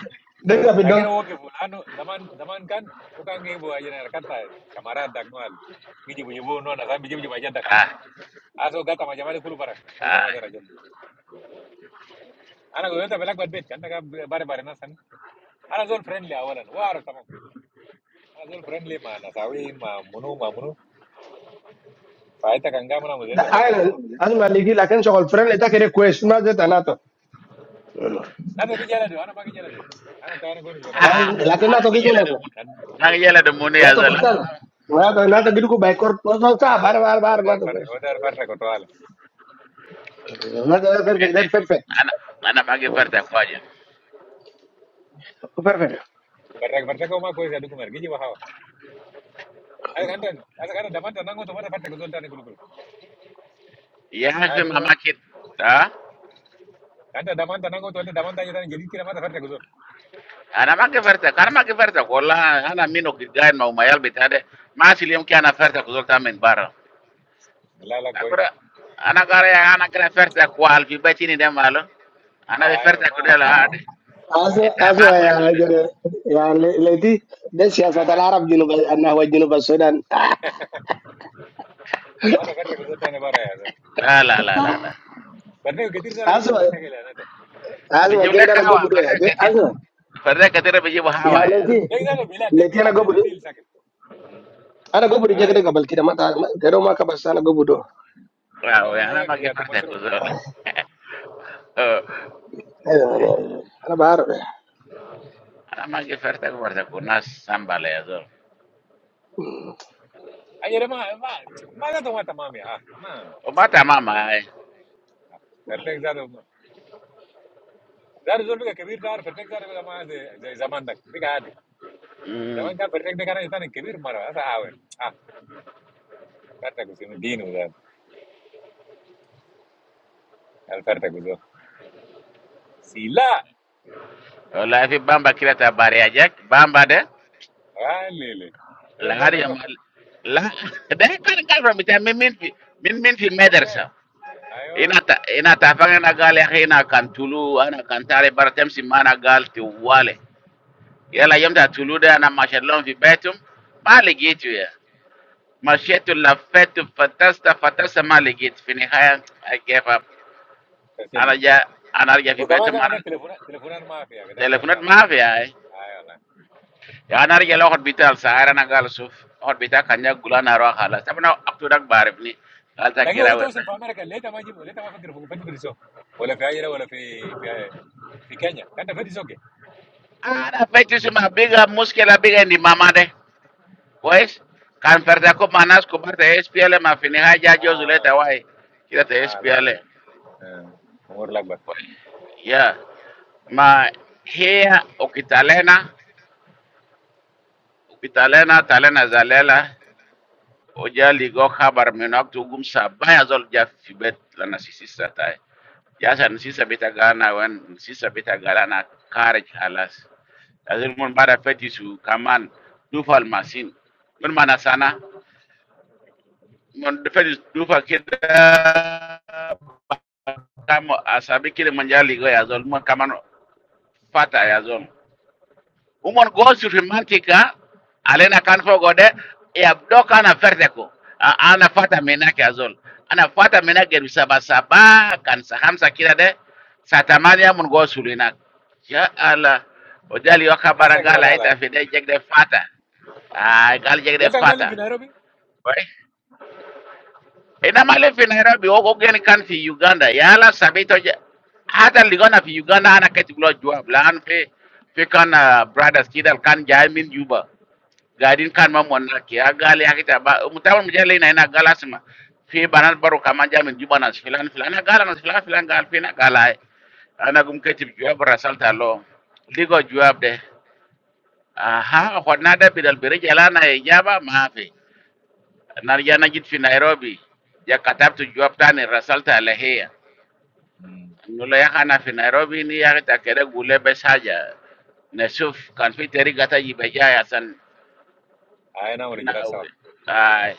D: بيجي في الدم
C: lakino wo ke fulano zaman zaman kan o kan ge bo ajena kata samara dak noal. Giji bu jibu no na sam biji biji bajadak.
A: ah
C: Aso gata ma jamale kulu para. We
A: ah
C: kama dera jen. Ana go ta belak bat bet kan na bare bare na san. Ana zol friendly awalan. war arab Azul friendly man, asawi ma munu ma munu. Faita kanga mana mujhe to
D: لا
C: brak
D: انا
C: batumur.
D: انا ما ليجي لكن شغل فرن ده كده كويس ما زيت انا
C: Na to ki jala do, ana ba ki jala do. Ana tawani gori lo kasma.
A: ah
D: لكن انا
A: ara
D: تو
A: gele de
D: جيت
A: mun
C: Na
A: na gele de mun ya
D: Nah to
A: zolo
D: betul, nah to, nah to jinu ku baikor, bos mau tahu, bar, bar, bar,
C: oder
D: bar to
C: far
D: guys,
C: oder far ko toale.
D: nah to
A: bene
D: perfect, perfect,
A: ana ana magi farta kwaje
D: perfect, perfect.
C: Parra parra ko ma koi jadu kumar giji bahawa. Ay kanta asa kanta damanta nango to mata fatta ko zolta kulukul.
A: ya
C: Ay
A: hafi
C: du kumar.
A: mamaki ta
C: Kanta damanta nango to damanta jada ne gidi kira mata fatta ko zol.
A: ana magi farta kana magi farta kola ana mino kigan ma umayal bitade ma asili yamki ana farta kuzolta min bara
C: La la koi.
A: akura ana gara ya ana kana ferta kwa alfi bacini de malo ana be
C: Ay
A: ferta
C: ma
A: ko de la hade
C: isa.
D: Aso,
A: ita ma
D: aso
A: ko
D: aja,
A: solo sunu
D: jadi ya, le, leti desya sata
C: Mata
D: Arab jinu, anahwa jinu pas Sudan.
C: fatta ko zolta ne bara ya.
A: la la la la la
C: Parra ko getir sala giji
D: Aso,
C: ba masakela na to. Giji
D: aso
A: biji
D: aja
C: bahawa.
A: jule
D: kita
A: ka
D: nago
A: hawa
D: buru ya,
A: ferta kadir
D: aso,
A: ferta kadir be
D: ya
A: hawa ya
D: leti,
C: Dai zalo bilad, dai
D: leti
C: bilad,
D: nago buru,
C: dai dil sakit.
D: ane nago buru aja
C: Ay.
D: kita kabel kita, kita mau ke pasar nago buru,
C: Tengo
A: waaw
C: un
A: ya ana
C: buen
A: magi ferta
C: fiato,
A: ko zol Eh,
D: ane bar.
A: ana magi ferta ko ferta ko nas sambala ya zol
C: Ay hermano, va, más dato mata mamia, ah, no,
A: o mata mama ay
C: perfecto, ¿dado, dado dos lugares que vierto ahora perfecto darle a mamá de, de jamón, ¿no? Fíjate, jamón
A: mm
C: está perfecto, ¿no? Es tan increíble, ¿no? Ah, perfecto, ¿no? Bien, ¿no? Al perfecto, sí, la,
A: wala fi bamba kirata bari ya jak bamba de
C: vale, ¿quieres
A: la hadi ya
C: perfecto?
A: mal la de kan kan mi ta min min fi min min fi madrasa
C: Okay, ahí
A: ina
C: va.
A: ta ina ta fanga na gal ya ina kan tulu ana kan tare baratem si mana gal ti wale yala yamta tulu da na mashallah fi betum ma ligitu ya mashetu lafetu fatasta fatasta ma ligitu fi nihaya i gave up ana ja ana ja fi
C: Por qué mamá,
A: betum ana
C: hermano, teléfono, teléfono no me hace, ¿qué? Da el
A: telefonat
C: café,
A: ma fi ay
C: ahí va.
A: ya ana ja lo hospital sahara na gal suf hospital kanya gula na ro hala sabna aktu dak barif ni gal ta
C: ¿Luego
A: gira
C: vi
A: wa
C: todo sin cámara, ¿qué? ¿Leí tan magizo, leí tan magizo, ¿fue difícil por eso? O la pieza era, o la pie, pieza, ¿en Kenia? ¿Era difícil o qué?
A: ana fetu suma biga muskila biga ni mama de كويس كان فرداكوب مع ناس كبار تاع اس بي ال ما في النهايه جا جوز
C: Ah,
A: ولا واي كده تاع اس
C: ah, la
A: بي
C: verdad.
A: ال
C: हाँ, और लगभग
A: يا ما هي ukitalena ukitalena talena zalela oja ligo khabar minok tugum sabaya zol ja fi bet lana sisi satae ya san sisa bita gana wen sisa bita gala na karaj halas azil mun bada feti su kaman dufal masin mun mana sana mun feti dufa kida kam asabi kili manja ligo ya zol mon kaman fata ya zol umon go suri mantika alena kan fogo de ya doka ana ferde ko A- ana fata menake ya zol ana fata menake bi saba saba kan sa hamsa kila de sa tamania mon go suri nak ya ala ojali waka
C: हाथ से क्या
A: barangala
C: बता लाए?
A: ita fide jegde fata ay gal
C: क्या
A: jegde
C: टांग माली
A: fata
C: बिना रो भी?
A: ina mali fi nairobi woko geni kan fi uganda yala sabito ja hata ligona fi uganda ana kati gulo jwab lan fi fi kan ah, brothers kidal kan jai min juba gadin kan ma monna ki agali akita ba mutawal mujale ina ina galasma fi banal baro kama jai min juba nas filan filan gala nas filan filan gal fi na gala ai. ana gum kati jwab rasalta lo ligo jwab de aha hwadna da bidal bere jala na e jaba maafi nar jana jit fi nairobi ja katabtu jwab tani rasalta alahia
C: हम्म,
A: nulo ya hana fi nairobi ni ya ta kere gule bes haja nasuf kan fi teri gata jibe jaya san
C: आये ना उन्होंने जरा
A: na
C: सा।
A: ay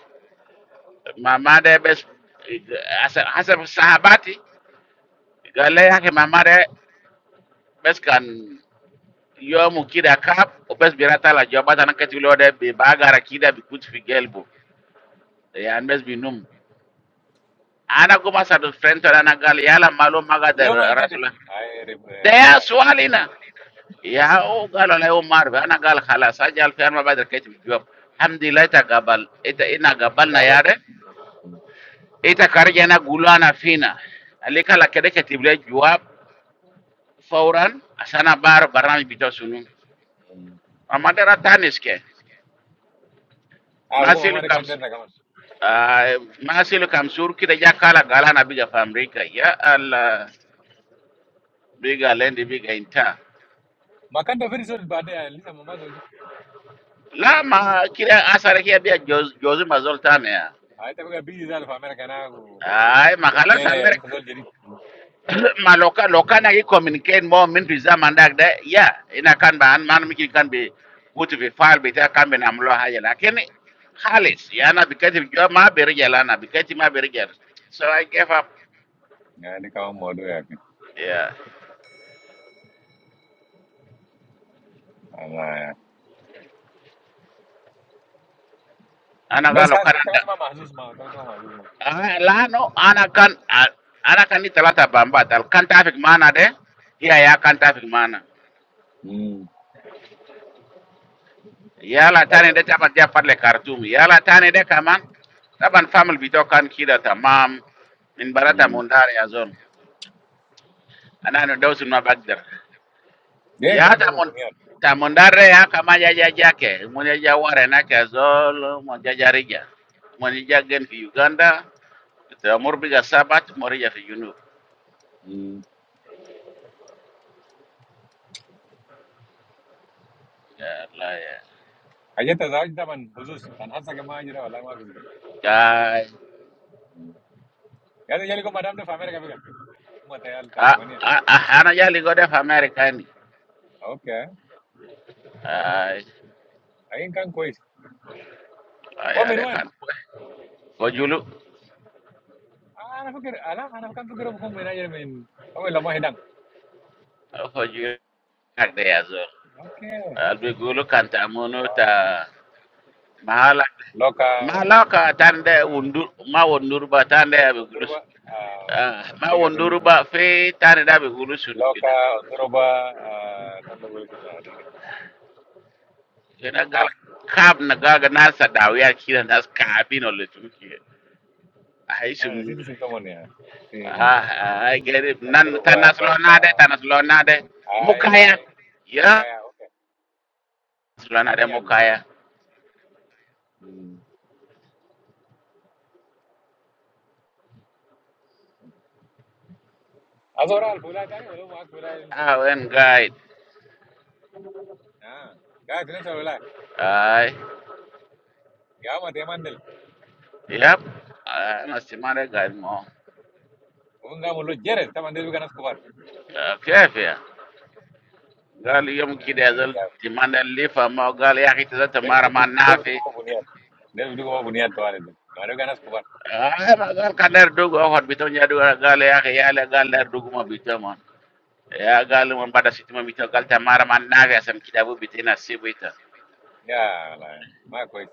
A: mama de bes asa asa sahabati gale ya ke mama de bes kan yomu kida kap o bes birata la jobata na kati lode be bagara kida bi kut fi gelbo ya bes bi num ana kuma sadu frento na gal yala malo maga
C: ले हमारे कांटे पे?
A: der
C: आये
A: ده
C: रिप्लाई,
A: سؤالنا يا هو قالوا لا يوم ما اعرف انا قال خلاص اجل في انا ما بقدر كيت بجواب الحمد لله تقبل انت انا قبلنا
C: गाबर
A: يا
C: सा।
A: رب انت كرجنا قولنا فينا اللي قال كده كتب لي جواب فورا عشان انا بعرف برنامج بتاع شنو اما ده تانيس كده ما
C: आपको
A: سيلو
C: मम्मा ने कांटे
A: كامس
C: ना कमाया?
A: آه ما سيلو كامسور كده جا قال قال انا بيجا في امريكا يا الله بيجا لين بيجا انت
C: माकंटो फिर इस बाते हैं लिसा मम्मा तो जो
A: لا ما كده اثر هي بيجا جوز جوز ما زلت انا
C: आये तब वो कभी ज़रा फ़ामेर कहना है वो
A: ay
C: क्या
A: makala
C: किया
A: sa
C: रे
A: mer
C: लिसा तो ज़िरी
A: ma loka loka na ki communicate mo min tu zaman dak de ya ina kan ba an man mi ki kan bi kutu fi fal bi ta kan bi na mlo haja lakini khalis ya na bi kati jo ma bi rijala na bi kati ma bi rijala so i gave up yeah ana ga loka na da ah la no ana kan ah, ana kan ni talata bamba tal kan traffic mana de ya ya kan traffic mana yala tane de taban ja parle kartum yala tane de kaman taban famil bito kan kida tamam min barata mundar ya zon ana no dawsun ma bagdar ya ta mon ta mondare ya kama ja ja jake mon ja ja ware na ke zol mon ja ja rija mon ja gen fi uganda ta morbi ga sabat morija fi junub ya la ya Ai,
C: यार � material
A: a
C: Tatarmania,
A: a a hana ja ligo de fa america ni
C: oke.
A: ay
C: Ayo incang kue.
A: ay
C: One
A: ade
C: minute.
A: kan ko julu
C: Ah, apa ker, apa, apa incang itu kerupuk managerin. Oke,
A: ko julu Agde yazor. Albi gulu kanta mono ta mahala
C: lokal. Oke.
A: mahala ka tande undur ma undur ba tande abi gulu
C: Androba.
A: su-
C: Ah,
A: ah, ma
C: deket ini.
A: undur ba fe tande da abi gulu su kida.
C: Lokal, Androba. Ah, tanda bulan itu ada.
A: Yana gal
C: Ah,
A: kab na gaga nasa dawiya kida nas kabino le tuki. Ai sun
C: ah, si itu si temannya. Hmm.
A: ah ai gari nan
C: Androba,
A: tanas lo nade
C: lokal.
A: tanas lo nade
C: Ay,
A: mukaya
C: ay. Muka
A: ya
C: ya, oke.
A: lo nade
C: Aniago, tare.
A: mukaya.
C: Hmm. Azora fulla itu nih, udah mau fulla aja nih sa.
A: Ah wen guide.
C: Nah, gak itu nih sa fulla,
A: Ai
C: gak mau teman dulu.
A: yep. Ah, nasimare guide mo.
C: Pongámoslo Jared, está mandando Ganas Escobar.
A: آه، كيف يا قال يوم
C: Ya,
A: كده يا
C: la de ya.
A: زول تمان الليفة ما قال يا أخي تزات
C: Debe
A: مارا
C: tu
A: ما
C: grupo, debe tu
A: نافي
C: grupo buniat. Debe tu grupo buniat to ale. Mario Ganas Escobar.
A: آه ما قال كان يردوغ أخوات بيتون يدو قال يا أخي يا لا قال يردوغ ما بيتون ما. يا قال من بعد ست ما بيتون قال تمارا ما نافي أسم كده أبو بيتين أسيب بيتا
C: Ya, la. Ma pues.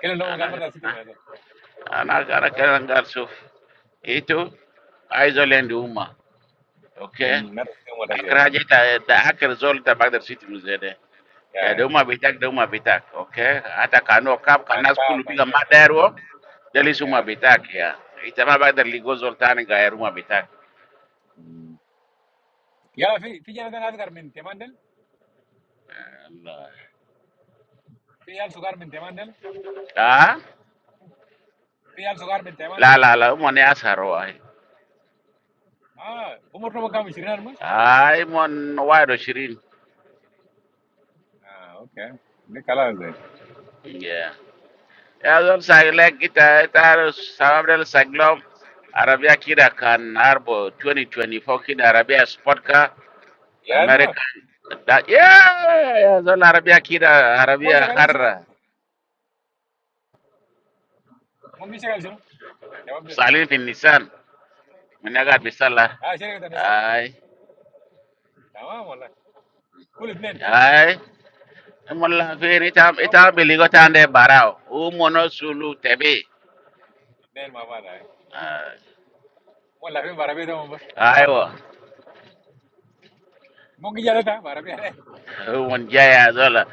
C: Kele lo
A: أنا
C: mongal mata sitio
A: أنا
C: muerto.
A: أنا أنا
C: Era muerto.
A: كان قال شوف إيتو عايزه لين دوما أوكي
C: Mm, mata sitio muerto que
A: أكره
C: eso.
A: جيت ده أكره زول ده بقدر سيت مزيد ya
C: Ya, ya.
A: deuma bitak deuma bitak okay hata kano kap
C: Can
A: kana
C: ka,
A: skulu
C: can
A: biga
C: ya.
A: maderwo delisuma
C: Ya.
A: bitak ya itama bagdar ligo zoltani gaeruma bitak
C: Mm. Ya, fi fi ya dan azgar min temandel.
A: Allah.
C: Fi al sugar min temandel.
A: ah
C: Fi al sugar min
A: la
C: temandel.
A: la la mon ya saro ay
C: Ah, umur no mangam shirin almus.
A: ay mon waido shirin
C: Ah, okay. Ne kala de.
A: yeah ya zol sagle kita tar sabdel saglom arabia kida kan arbo 2024 kida arabia sport ka
C: Ya no, eso.
A: american da yeah ya zol arabia kida
C: Mon
A: arabia
C: shagalin shuno.
A: harra
C: Mon shagalin shuno. Tamam de.
A: Salim fi Nissan. Minaga bisala.
C: Ah, ¿qué shirika tanisan.
A: Ay.
C: Tamam wala. كل اثنين
A: Ay. Mola fini tam
C: no
A: ita
C: puedo,
A: biligo tande barao. U mono sulu tebi.
C: ¿en qué mamá está? ¿Mola bien Barabita o no? ¿Mamá?
A: Aywa.
C: ¿Monge ya está? Barabita,
A: Won jaya zola.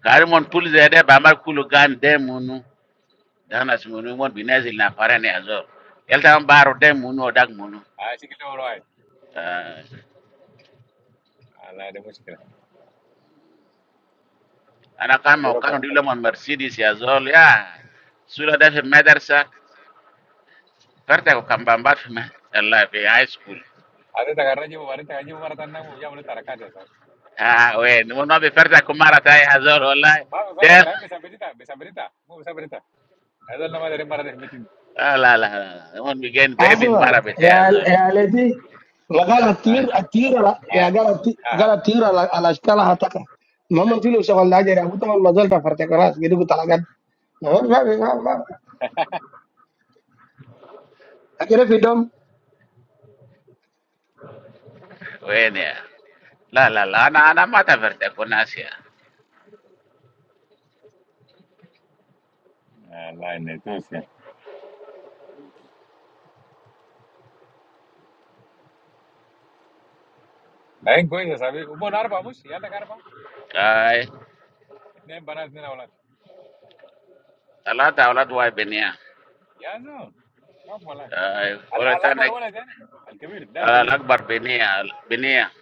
A: Kari mon pul zede bamar kulu gan de munu. Dana simunu mon binazil na farane azol. Yelta baro de munu odak munu.
C: ay sí que lo conoce,
A: Ah,
C: al lado es muy chico,
A: Ana
C: el
A: kama
C: otro
A: ukano
C: para,
A: dilo
C: ¿al
A: mon Mercedes ya zol ya. Sula da fi madarsa. Farta ko kambamba fi ma. Allah fi high school.
C: otro carajo? ¿Cómo barintacar? ¿Cómo maratana? ¿Cómo ya no está recatado?
A: آه وين هو ما بيفرتكم مرة تاي هزول والله
C: ¿Cómo
A: ديل
C: barintacar? ¿Besambrita? ¿Besambrita? ¿Cómo besambrita? ¿Eso no me de repente?
A: آه لا لا لا لا. هون بيجين بيبي المرة
D: Asma,
A: بتاعي
D: ya
A: هزول
D: ya leti magala tir atira ya
C: ¿Ay,
D: gala ti-
C: ajá?
D: gala tira ala ala shkala hataka. Mama tilo shawal laje ya utama mazal ta farte karas gidu talagat. Ma ma ma. ma. Akira fidom
A: وين يا لا لا لا أنا أنا ما تفرتكم ناس يا
C: Al lado en Petusia, ¿qué coño es? ¿Usted no arpa mucho? ¿Ya le arpa?
A: أي
C: ¿En qué banana no habla?
A: ثلاثة أولاد واي بنية
C: Ya no, no puedo, al
A: أي ولد
C: al que
A: تاني
C: borrole está, al que vive, del que
A: آه،
C: vive,
A: الأكبر بنية بنية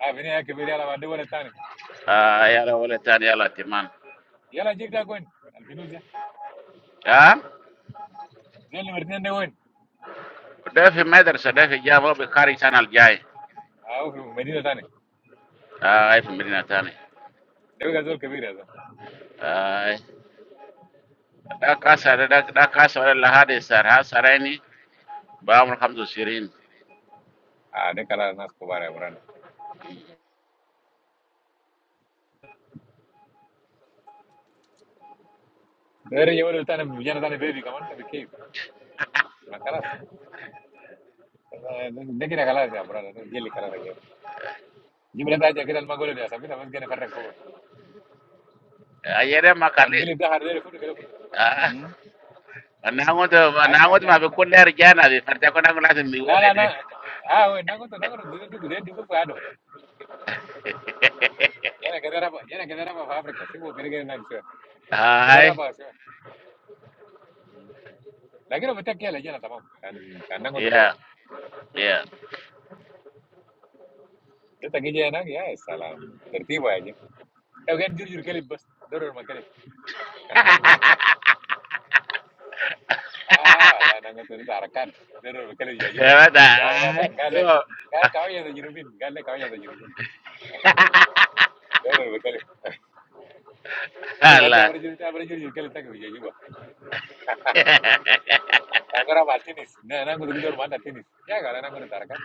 C: ah venía del que vive y ahora de borrole está,
A: آه يلا ولد تاني يلا تمام
C: ¿ya lo llega a coñer? Al Petusia.
A: ها
C: Really meridian de win.
A: ده في مدرسة ده في جامعة بيقاري سنة الجاي
C: Ah, medida tane.
A: أي في مدينة تاني
C: Debe gasol kabir azo.
A: أي ده
C: Top
A: كاسة
C: medio.
A: ده ده كاسة ولا هذه سارة ساريني بعمر 25
C: Ah, de kala nas ko bara buran. Dere yawal tane yana tane baby kaman tabi kif. Ma kalas. De kira kalas ya buran. Gili kalas ya. Jibre ta ja kira al magolo ya sabita bas gene farrak fogo.
A: ayere
C: Kan
A: makali
C: gili da har dere futu kala futu.
A: ah
C: Hmm.
A: nangoto
C: Ay ga
A: nangoto
C: jal.
A: ma be kunder jana be farta ko nangoto lazim mi
C: La
A: wole
C: la
A: de
C: la. Ah, we nago to nago to de dugu de dugu fado. Yana kira raba, yana kira raba fa Afrika. Sibo kira kira nan sure. Gulo
A: ay
C: raba sure. La quiero meter aquí a la llena, tamam. Can, can nango tu fuera.
A: ya ya
C: Yo te aquí llena, ya es salam. Tertiba Em gak jujur kali bos, dorong makanan. Ah, lah nanggut itu tarakan, dorong makanan jajubah.
A: wada
C: Gak le, gak
A: ay
C: le,
A: yo
C: gak le. Kau yang tujuh min, gak le kau yang tujuh min. Dorong makanan. Terus
A: ala
C: apa rejur, apa rejur kali tak kebijajubah? Angkrak basketnis. Nah, nanggut kita dorong basketnis. Ya, kalau nanggut tarakan,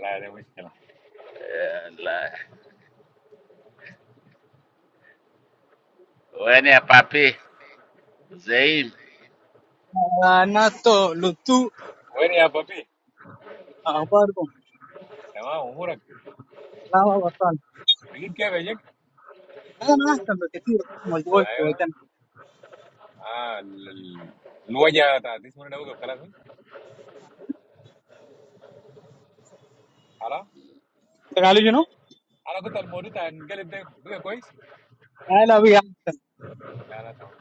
C: lah, nanggut kalo.
A: ala wani ya papi zaim
E: ناتو لوتو
C: Oke nih apa sih?
E: اخباركم
C: Emang umur aku?
E: سلام وصال
C: Berit kaya apa sih?
E: انا احسن بكثير اسمه الجوي في
C: Ayo,
E: وقتنا
C: ah, lu aja, tuh, 10 menit aku kepikiran tuh. Ala?
E: قالوا شنو؟
C: Ala aku telur tuh, enggak lede, buka koi sih?
E: انا ابي احسن
C: Nana tuh.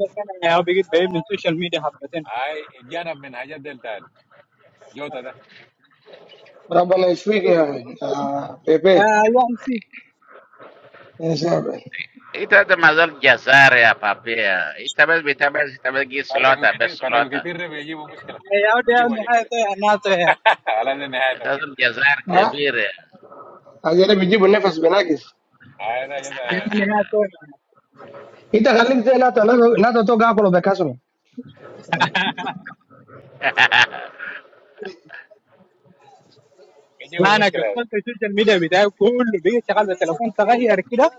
E: بس انا ابي قد بعيد من السوشيال ميديا حبتين
C: Ayo, dia naf menajat dulu tuh, jauh tuh dah.
D: rabbana yashfik ya ah,
E: آه،
D: pepe.
E: يا ام سي
D: Ya sabe.
A: ita da mazal jazar ya papi ya ita bas bitabas ita bas gi
C: parte con
A: slota
C: que
A: bas
C: tir, parte con que
A: slota
C: tirre, pero allí hubo dificultad.
E: يا ودي
C: ¿Viste
E: يا
C: lo que
E: نهايه
C: hice?
E: الناس يا
C: Alas de nevado.
A: ita da jazar
D: Ha?
A: kabir
D: Akira bijibu nafas benakis.
C: Ahí no, yo no.
E: نهايه
D: Ita khalik zela ta na na ta to gakolo bekasro.
C: ¿Qué
E: لا
C: llevó
E: انا
C: dificultad?
E: قفلت السوشيال ميديا بتاعي كله بقيت شغال بالتليفون صغير كده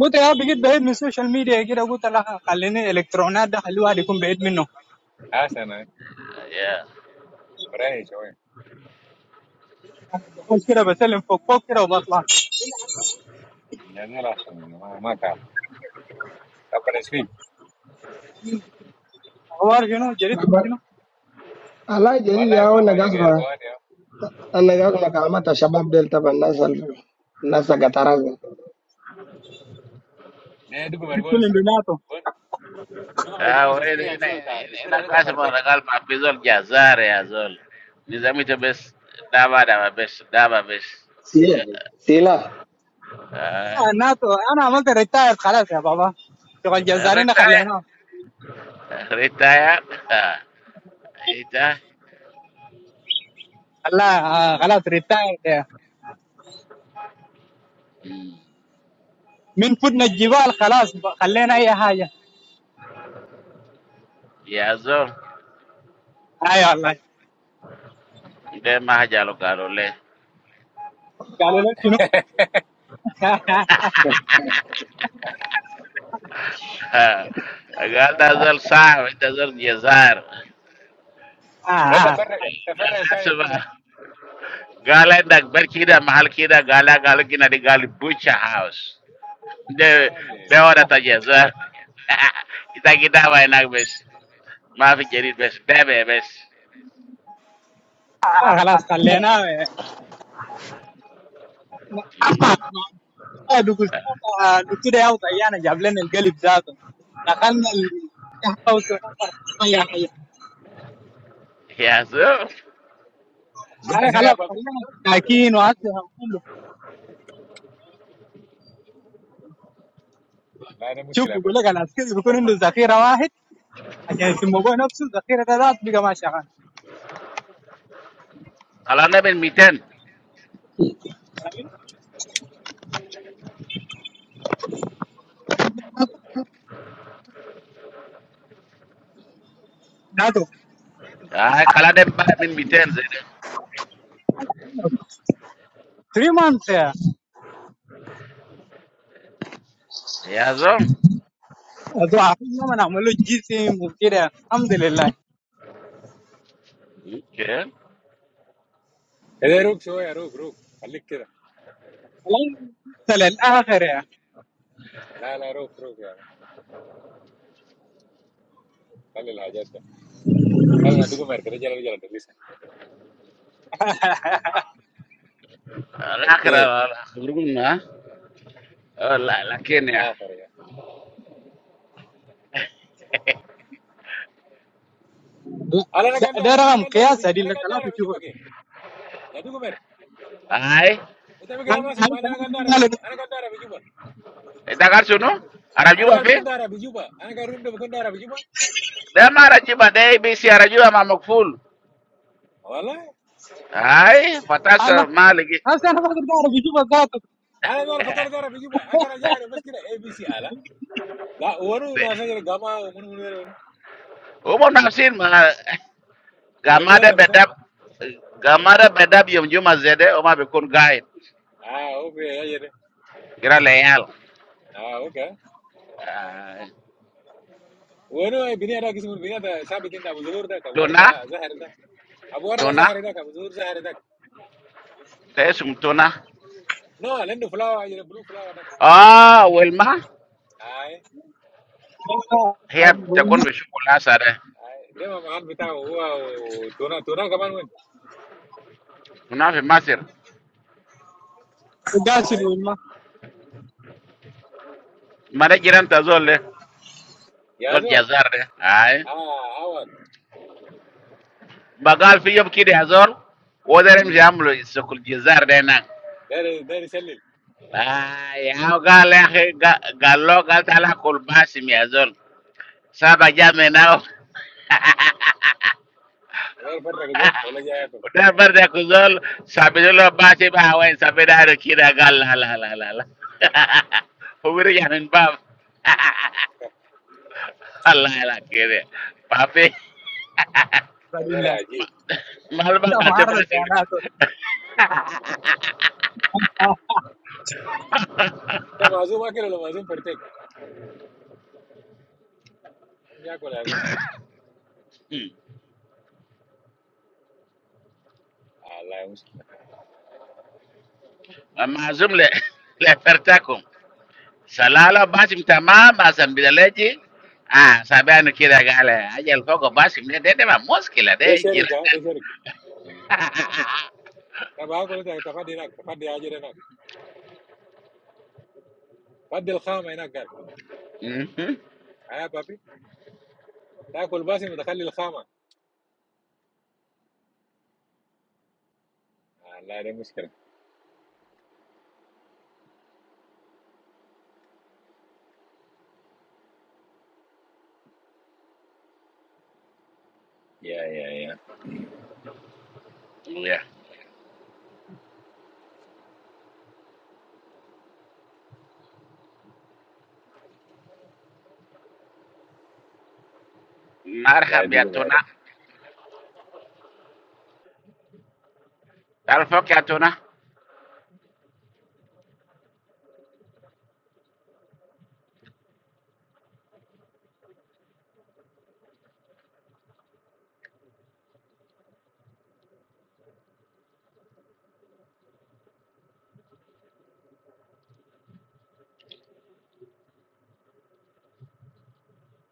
E: قلت يا بقيت بعيد من السوشيال ميديا كده قلت لا خليني الالكترونات ده خلي الواحد يكون بعيد منه
C: Ah, sí, no.
A: ya
C: Por ahí se fue.
E: كنت كده بسلم فوق فوق كده وبطلع
C: Ya no lo hago. Ma, ma car. ¿Estás preso?
E: اخبار شنو جريدكم شنو؟
D: Rabba- Allah
C: ¡Vale!
D: jaridi
C: ¿Cómo
D: yao
C: ha
D: na
C: podido llegar
D: gasma.
C: Guanía?
D: Anna gasma kalmata shabab del taban nasal. Nasa gataraza.
C: No, tú como el
E: كل
C: guanese.
E: اللي ناتو
C: Tú como el
A: Ah,
C: guanese,
A: well,
C: espera,
A: ina
C: eso
A: ina
C: está, espera,
A: ina
C: eso está
A: kasi
C: parte
A: mara
C: con.
A: gal pa pizol ja zare ya zol. Nizami te bes daba daba bes daba bes.
D: Sila.
A: Ah,
E: آه ناتو انا عملت ريتاير خلاص يا بابا شغل جزارين
A: retire
E: خليناه
A: retire. Ah, ita
E: خلاه آه خلاص ريتاير
A: Mm.
E: من فدنا الجبال خلاص ب- خلينا اي حاجه
A: ya zol.
E: اي والله
A: Be ma jalo garole.
E: قالوا لك شنو
A: Gal da zol sa ita zol ja zar.
E: آه, آه,
C: ¿Está
E: آه,
C: parte, está parte con caer o con no?
A: Asma. Gala ndak bar kida mahal kida gala gala kina di gali butcher house. De,
C: ¡Vale!
A: de atacağız ha. Gider gider baynak beş. Mafi gelir beş. Deme beş.
E: اه خلاص خليناه آه، دكتور آه، دكتور يا طيانه جاب لنا القلب ذاته دخلنا ال- تحت أي حاجة.
A: Yazım.
C: ¿Viste
E: آه،
C: si no
E: خلاص
C: apago?
E: خلينا ساكين واسهم كله
C: No hay
E: شوف
C: dificultad
E: بيقول
C: apago.
E: لك العسكري بيكون عنده ذخيره واحد عشان في الموضوع نفسه الذخيره ده ذات بقى ما شغال
A: Kalan da ben miten.
E: ذاته
A: Ay kalan da ben ben miten zede.
E: 3 مانس يا
A: Yazım.
E: ضعفين ما نعمل له جسم وكده الحمد لله
A: Okay.
C: ¿Qué de ruk se fue a ruk ruk? Alí queda.
E: الان وصل الاخر يعني
C: La la ruk ruk ya va. Sale la gente. Sale, ¿no? Tú como el guanese, ¿qué le ha dicho a Delhi? Parte.
A: Lakra grubun ha. La la
C: Lelah,
A: Kenya.
C: terus ya.
E: ده,
C: Anak-anak
E: ده
C: diara, anak
E: رقم
C: diara
E: قياس
C: biju,
E: دي
C: anak
E: لثلاث
C: diara biju
E: شهور
C: pakai. Ya tuh kemarin,
A: Ay.
C: itu mereka
E: هل
C: apa sih?
E: هل
C: Mereka diara
E: هل
C: biju,
E: هل
C: anak diara biju pak.
A: Dakar şunu.
C: Anak
A: Aracuba
C: diara
A: fi.
C: bikin diara biju pak. Anak di roomnya bikin diara biju pak.
A: De ma aracuba de bisi aracuba ma makful.
C: Oalah?
A: Ay.
E: هل
A: Fatasa ma ligi.
E: هسه انا بقدر اعرف اشوف ذاته
C: Anak-anak pakai diara biju pak. Akan aja ada meski ada ABC, ala. Lah, orang itu nasa gitu gamau orang orang itu.
A: Umo nafsin ma.
C: Selimutnya
A: gamada
C: tapi
A: be
C: kan?
A: dab gamada be dab yom juma zede o ma be kon guide
C: Ah, oke ya ini.
A: gira le yal
C: Ah oke.
A: Ah,
C: Orang itu bini ada kisah bini ada sabitin da, muzhor da, kawar
A: tona
C: da, zahir da. Abu arda
A: tona
C: zahir da, kawar zahir da.
A: te sum tona
C: No, lencur flava aja, blue flava aja.
A: ah welma
C: Aye.
A: hiya ta kon be shukula sare
C: de mamá no viste agua o tu na tu na qué manuel
A: kuna fi masir
E: والقاسي
C: ay
E: والما
A: mara jiran ta zol le
C: ya
A: zol
C: es mal
A: jazar de ay
C: ah agua
A: bagal fi yob kide azol wodarem jamlo sokul jazar de nan
C: de ahí de ahí se llena
A: ay ya gal ya gal lo gal tala kul basim ya zol saba jame
C: de ahí falta algo por allá por
A: Dar barda ko zol sabe lo ba te ba wen sabe da ro kira gal la la la la la. O wure yanan ba. Allah la kire. Papi
C: allá
E: بالله
C: aquí
E: انت
A: malba ka te ba
E: معرض
A: sir.
E: يا ناس آه،
C: te mazum aquí lo mazum perfecto qué hago la mazum alá es música
A: Mazum le le fertakum. Salala basim tamam basam bidaleji. Ah, sabe anu kira gal. Ajal foko basim ne de de ma muskila de
C: de choricá
A: jiranda.
C: de choricá te va a colar te va a dar de nada te va a dar de agujero nada va a dar el chama en nada caro
A: Mhm.
C: ahí papi te va a colbasimos de chal el chama alá es música ya ya ya
A: Yeah.
C: la
A: Marhab ya
C: educó
A: tuna.
C: mayera
A: Tarfok ya tuna.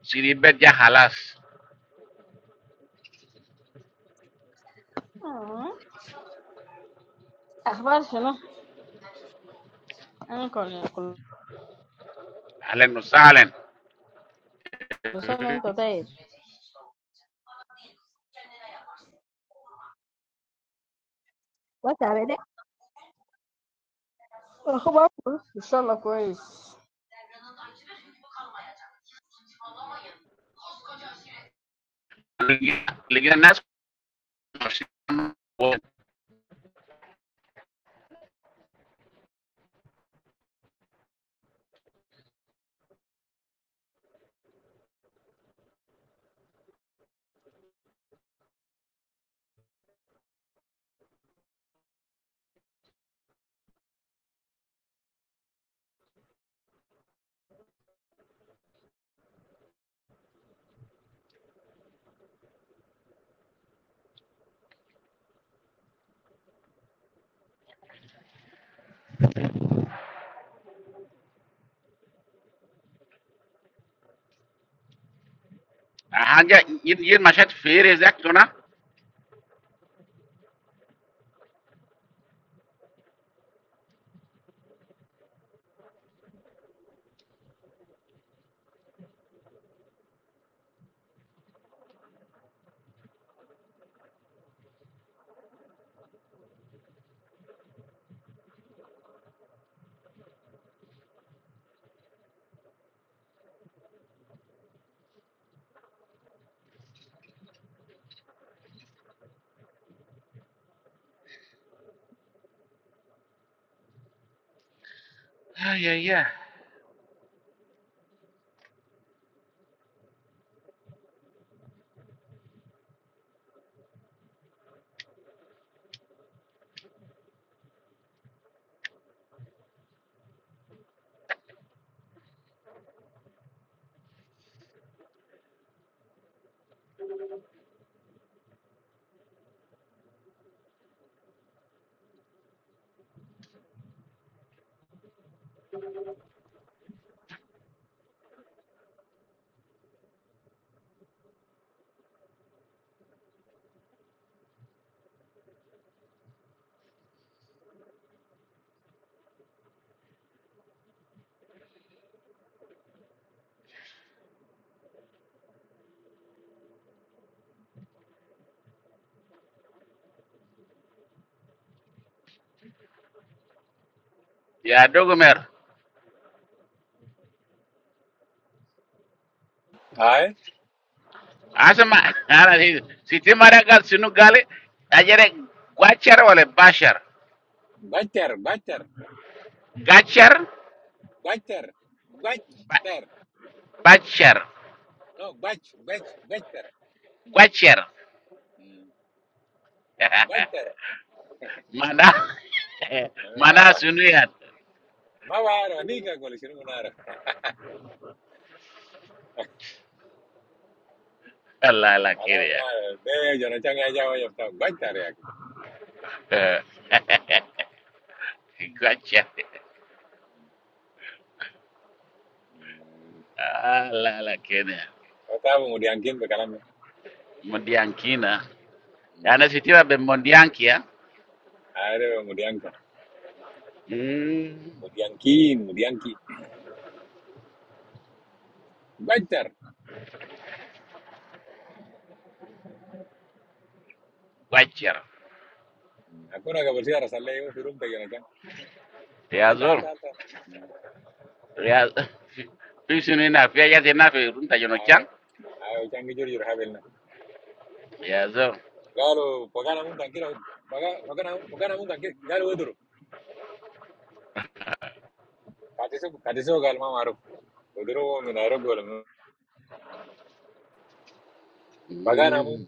A: Siribet ya halas.
F: What are
A: Ahlan wa sahlan.
F: they? The whole place.
A: Lingine nasi haja yin mashat fere zak tuna ya ya ya dogo mer
C: ay
A: asama ana hizi siti mara gal sinu gale ajere gwachar wala bashar
C: butter butter
A: gachar
C: butter
A: ba-
C: butter
A: bachar
C: No, Bach, Bach, Bechter.
A: gwachar
C: Bachter.
A: mana mana
C: Sawa.
A: sunu ya
C: Mawara, ni ka ko lishin munara.
A: Allah la
C: Ala
A: kiriya
C: munara, de yo no changa ya voy a estar Bachter ya.
A: gwachar Allah la kiriya
C: Estaba muriankin be kalanda.
A: mundiankina Anasitira ɓe mondiyankia
C: Are murianka. Muriankin, murianki. Bachter.
A: waccer
C: Akuna ka bolsi ara salle yo firum pe yo no changa.
A: ya
C: Ale
A: zor
C: tal tal tal.
A: ya pisini na fiya yati na fi runta jono
C: ay
A: chang
C: ayo changi jori jor habelna.
A: ya zor
C: Galo, pagana mun tankira. Paga, pagana, pagana mun tankira. Galo oduru. Katiso, katiso gal ma maru. Oduru wo minara bolo.
A: Mm.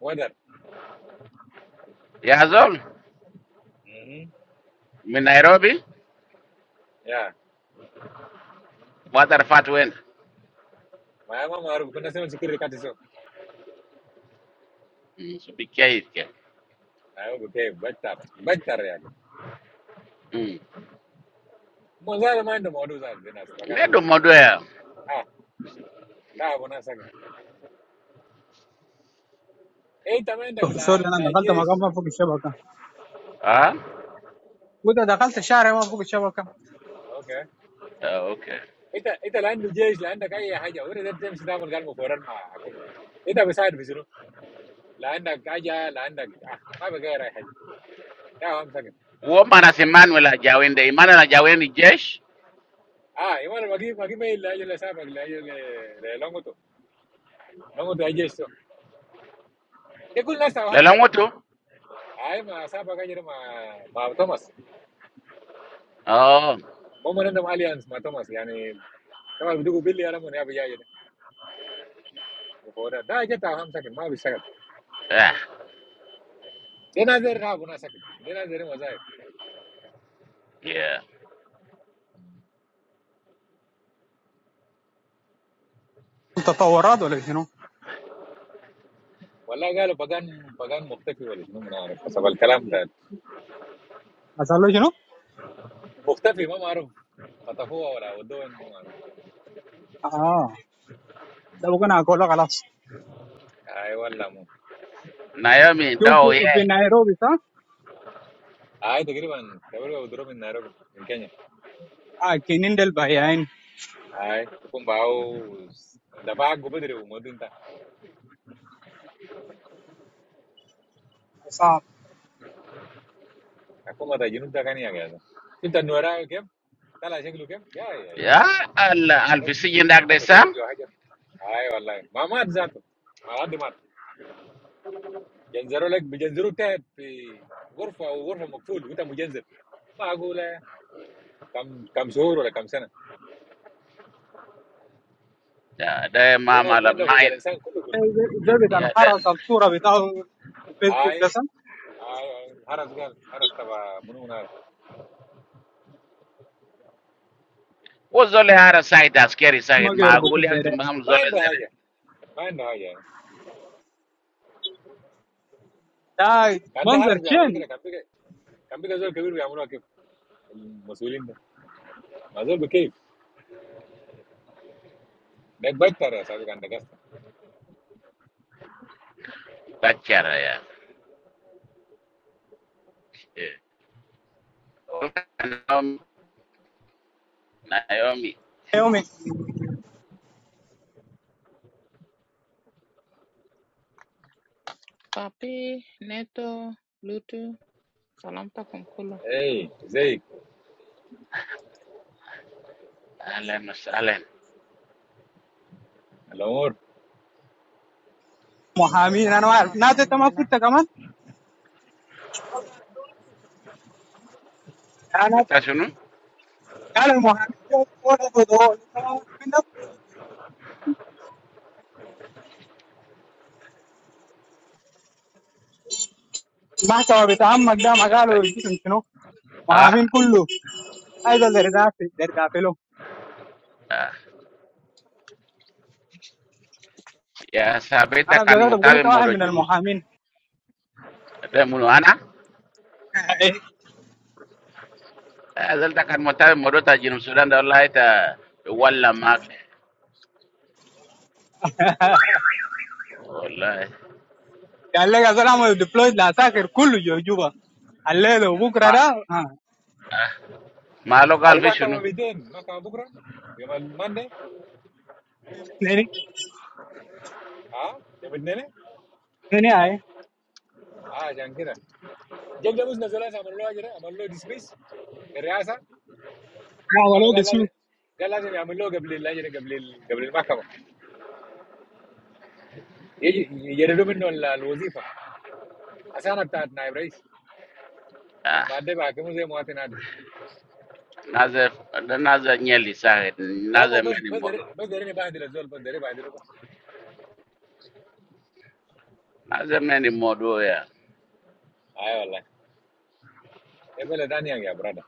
C: weather.
A: ya zor
C: hmm
A: mi Nairobi
C: Yeah,
A: watar fat wen
C: maama maarufu kuna sema security kati so
A: so bi kya itke
C: ayo buke bata bata yake mwanzo ma ndo modu za dinas
A: me
C: bakana
A: do
C: munde
A: modo ya
C: ah taa bona saka eita menda la
E: سوري انا
C: la
E: دخلت
C: jesh
E: مكان ما فوق الشبكه
A: ah
E: وده دخلت
C: ah
E: شارع ما فوق الشبكه
C: okay
A: Ah, okay
C: ita ita la ndu jesh la nda kai haja ure zete msi taa mun galmo foran ma akuma ita beside bisiru la nda kaja la nda ah ma be gaira haja taa wam saka
A: wo mana si Manuel ajawende Emmanuel ajawende jesh
C: ah imana magi magi me la jele saba la jele le longoto longoto ajesh so ekul nasa wam
A: lelo
C: saka
A: moto
C: ay ma saba kajira ma ma thomas
A: oh
C: ما مولندم اليانس مع توماس يعني طبعا بدو بيلي انا من ابي جاي ده مفوضة ده جت هم سكت ما بيشتغل
A: ah
C: ده نازل راب ونا سكت ده نازل وظائف
A: yeah
E: تطورات ولا شنو؟
C: والله قالوا بقان بقان مختفي ولا شنو ما اعرف حسب الكلام ده
E: حصل له شنو؟
C: مختفي ما معروف خطفوه ولا ودوه ما معروف
E: اه ده ممكن اكله خلاص
C: اي والله مو
A: Naomi
E: شوف
A: dao
E: في
A: ye
E: نيروبي صح
C: اي تقريبا تقريبا بدرو من نيروبي من كينيا
E: اه كنين ده البياعين
C: اي بكون باو دفع عقو بدري ومود انت
E: صعب
C: اكون ما جنوب ده كان يا جاز شفت النوراء كيف طلع شكله كيف يا يا
A: ya al alfisi jindak
C: لك تقول لك
A: de
C: تسولج اي والله ما مات ذاته ما لحد مات جنزروا لك بجنزروا تحت في غرفه وغرفه مقفول وانت مجنزر معقوله كم كم شهور ولا كم سنه
A: da da
C: دي
A: mama
C: ناس ما
A: la
C: عندهم حقوق
A: main
C: الانسان كله كله
E: ده بتاع
A: ya da
E: الحرس الصوره بتاعه في
C: اي
E: فيسبوك ده صح
C: اي اي الهرس قال هرس تبع منو نار
A: wo zole hara side askeri
E: ما
A: side ma
E: يربطوا
A: guli
E: ده
A: hakti
E: ده
A: maham
C: ما
A: zole
C: عنده
A: zere
C: حاجه ما عنده حاجه يعني
E: ده
C: كان ده هرس
E: منظر
C: بيعملوا
E: شين
C: كده كان بيجي كان بيجي زول كبير بيعملوها كيف المسؤولين ده ما زول بكيف ده بكتر يا صاحبي كان ده قصه
A: bachara ya Eh. Naomi Naomi
E: يومي
G: Papi, Neto, Lutu, salamtakum kulu.
C: اي زيك
A: ahlan wasahlan
C: الامور
E: محامين انا ما
G: Tamam,
E: اعرف ناس انت ما
G: alhamdulillah.
E: كنت كمان انا
A: Minta sunu
E: قال المحامين دول رفضوا، أنت ما عارفين ده؟ المحكمه بتاع عمك ده ما
A: Sota-
E: قالوا اسم شنو
A: ah
E: محامين كله عايز زردافي زردافي له
A: ah. ya sabita
E: انا
A: kan
E: افتكرت بقول
A: motabe
E: انت واحد
A: modo
E: من
A: junub sudan
E: المحامين
A: da munu ana azalta kan motabe modo ta junub sudan da wallahi ta walla mak wallahi
E: ya llega solamente después de hacer culo yo yo va al lado
A: ma
E: buscará ah
A: ma local fi
C: المحكمه
A: sunu
C: 200 محكمه بكره يوم الماندي
E: venir
C: ها يوم الاثنين
E: viene ahí
C: اه عشان كده جاب ده بس نزلها عمل له اجره عمل له ديسميس بالرئاسه
E: ah
C: لانه
E: valeo
C: قال
E: disfrútes
C: لازم قال لازم يعمل له قبل الاجره قبل قبل المحكمه يجردوا منه الوظيفه حسانه بتاعت نائب رئيس لما
A: ah
C: بعد بحكمه زي مواطن عادي.
A: naza da naza nyeli side
C: لا مو
A: naza
C: بس
A: meni modo
C: بدري بدري بهدل الزول بدري بهدله بقى.
A: Lazima ni modo ya
C: اي والله يا بلد ثانيه يا برادر.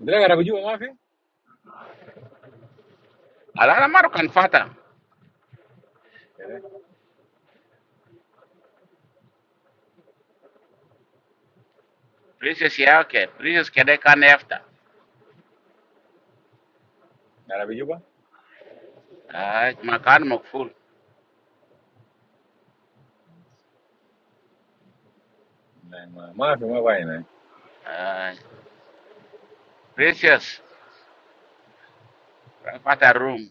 C: بدري انا بجيبه ما في؟
A: alana maro kan fata Princess yake Princess kede kan efter
C: انا بجيبه
A: ay makan makful
C: ما في ما باين.
A: ay Princess kan fata room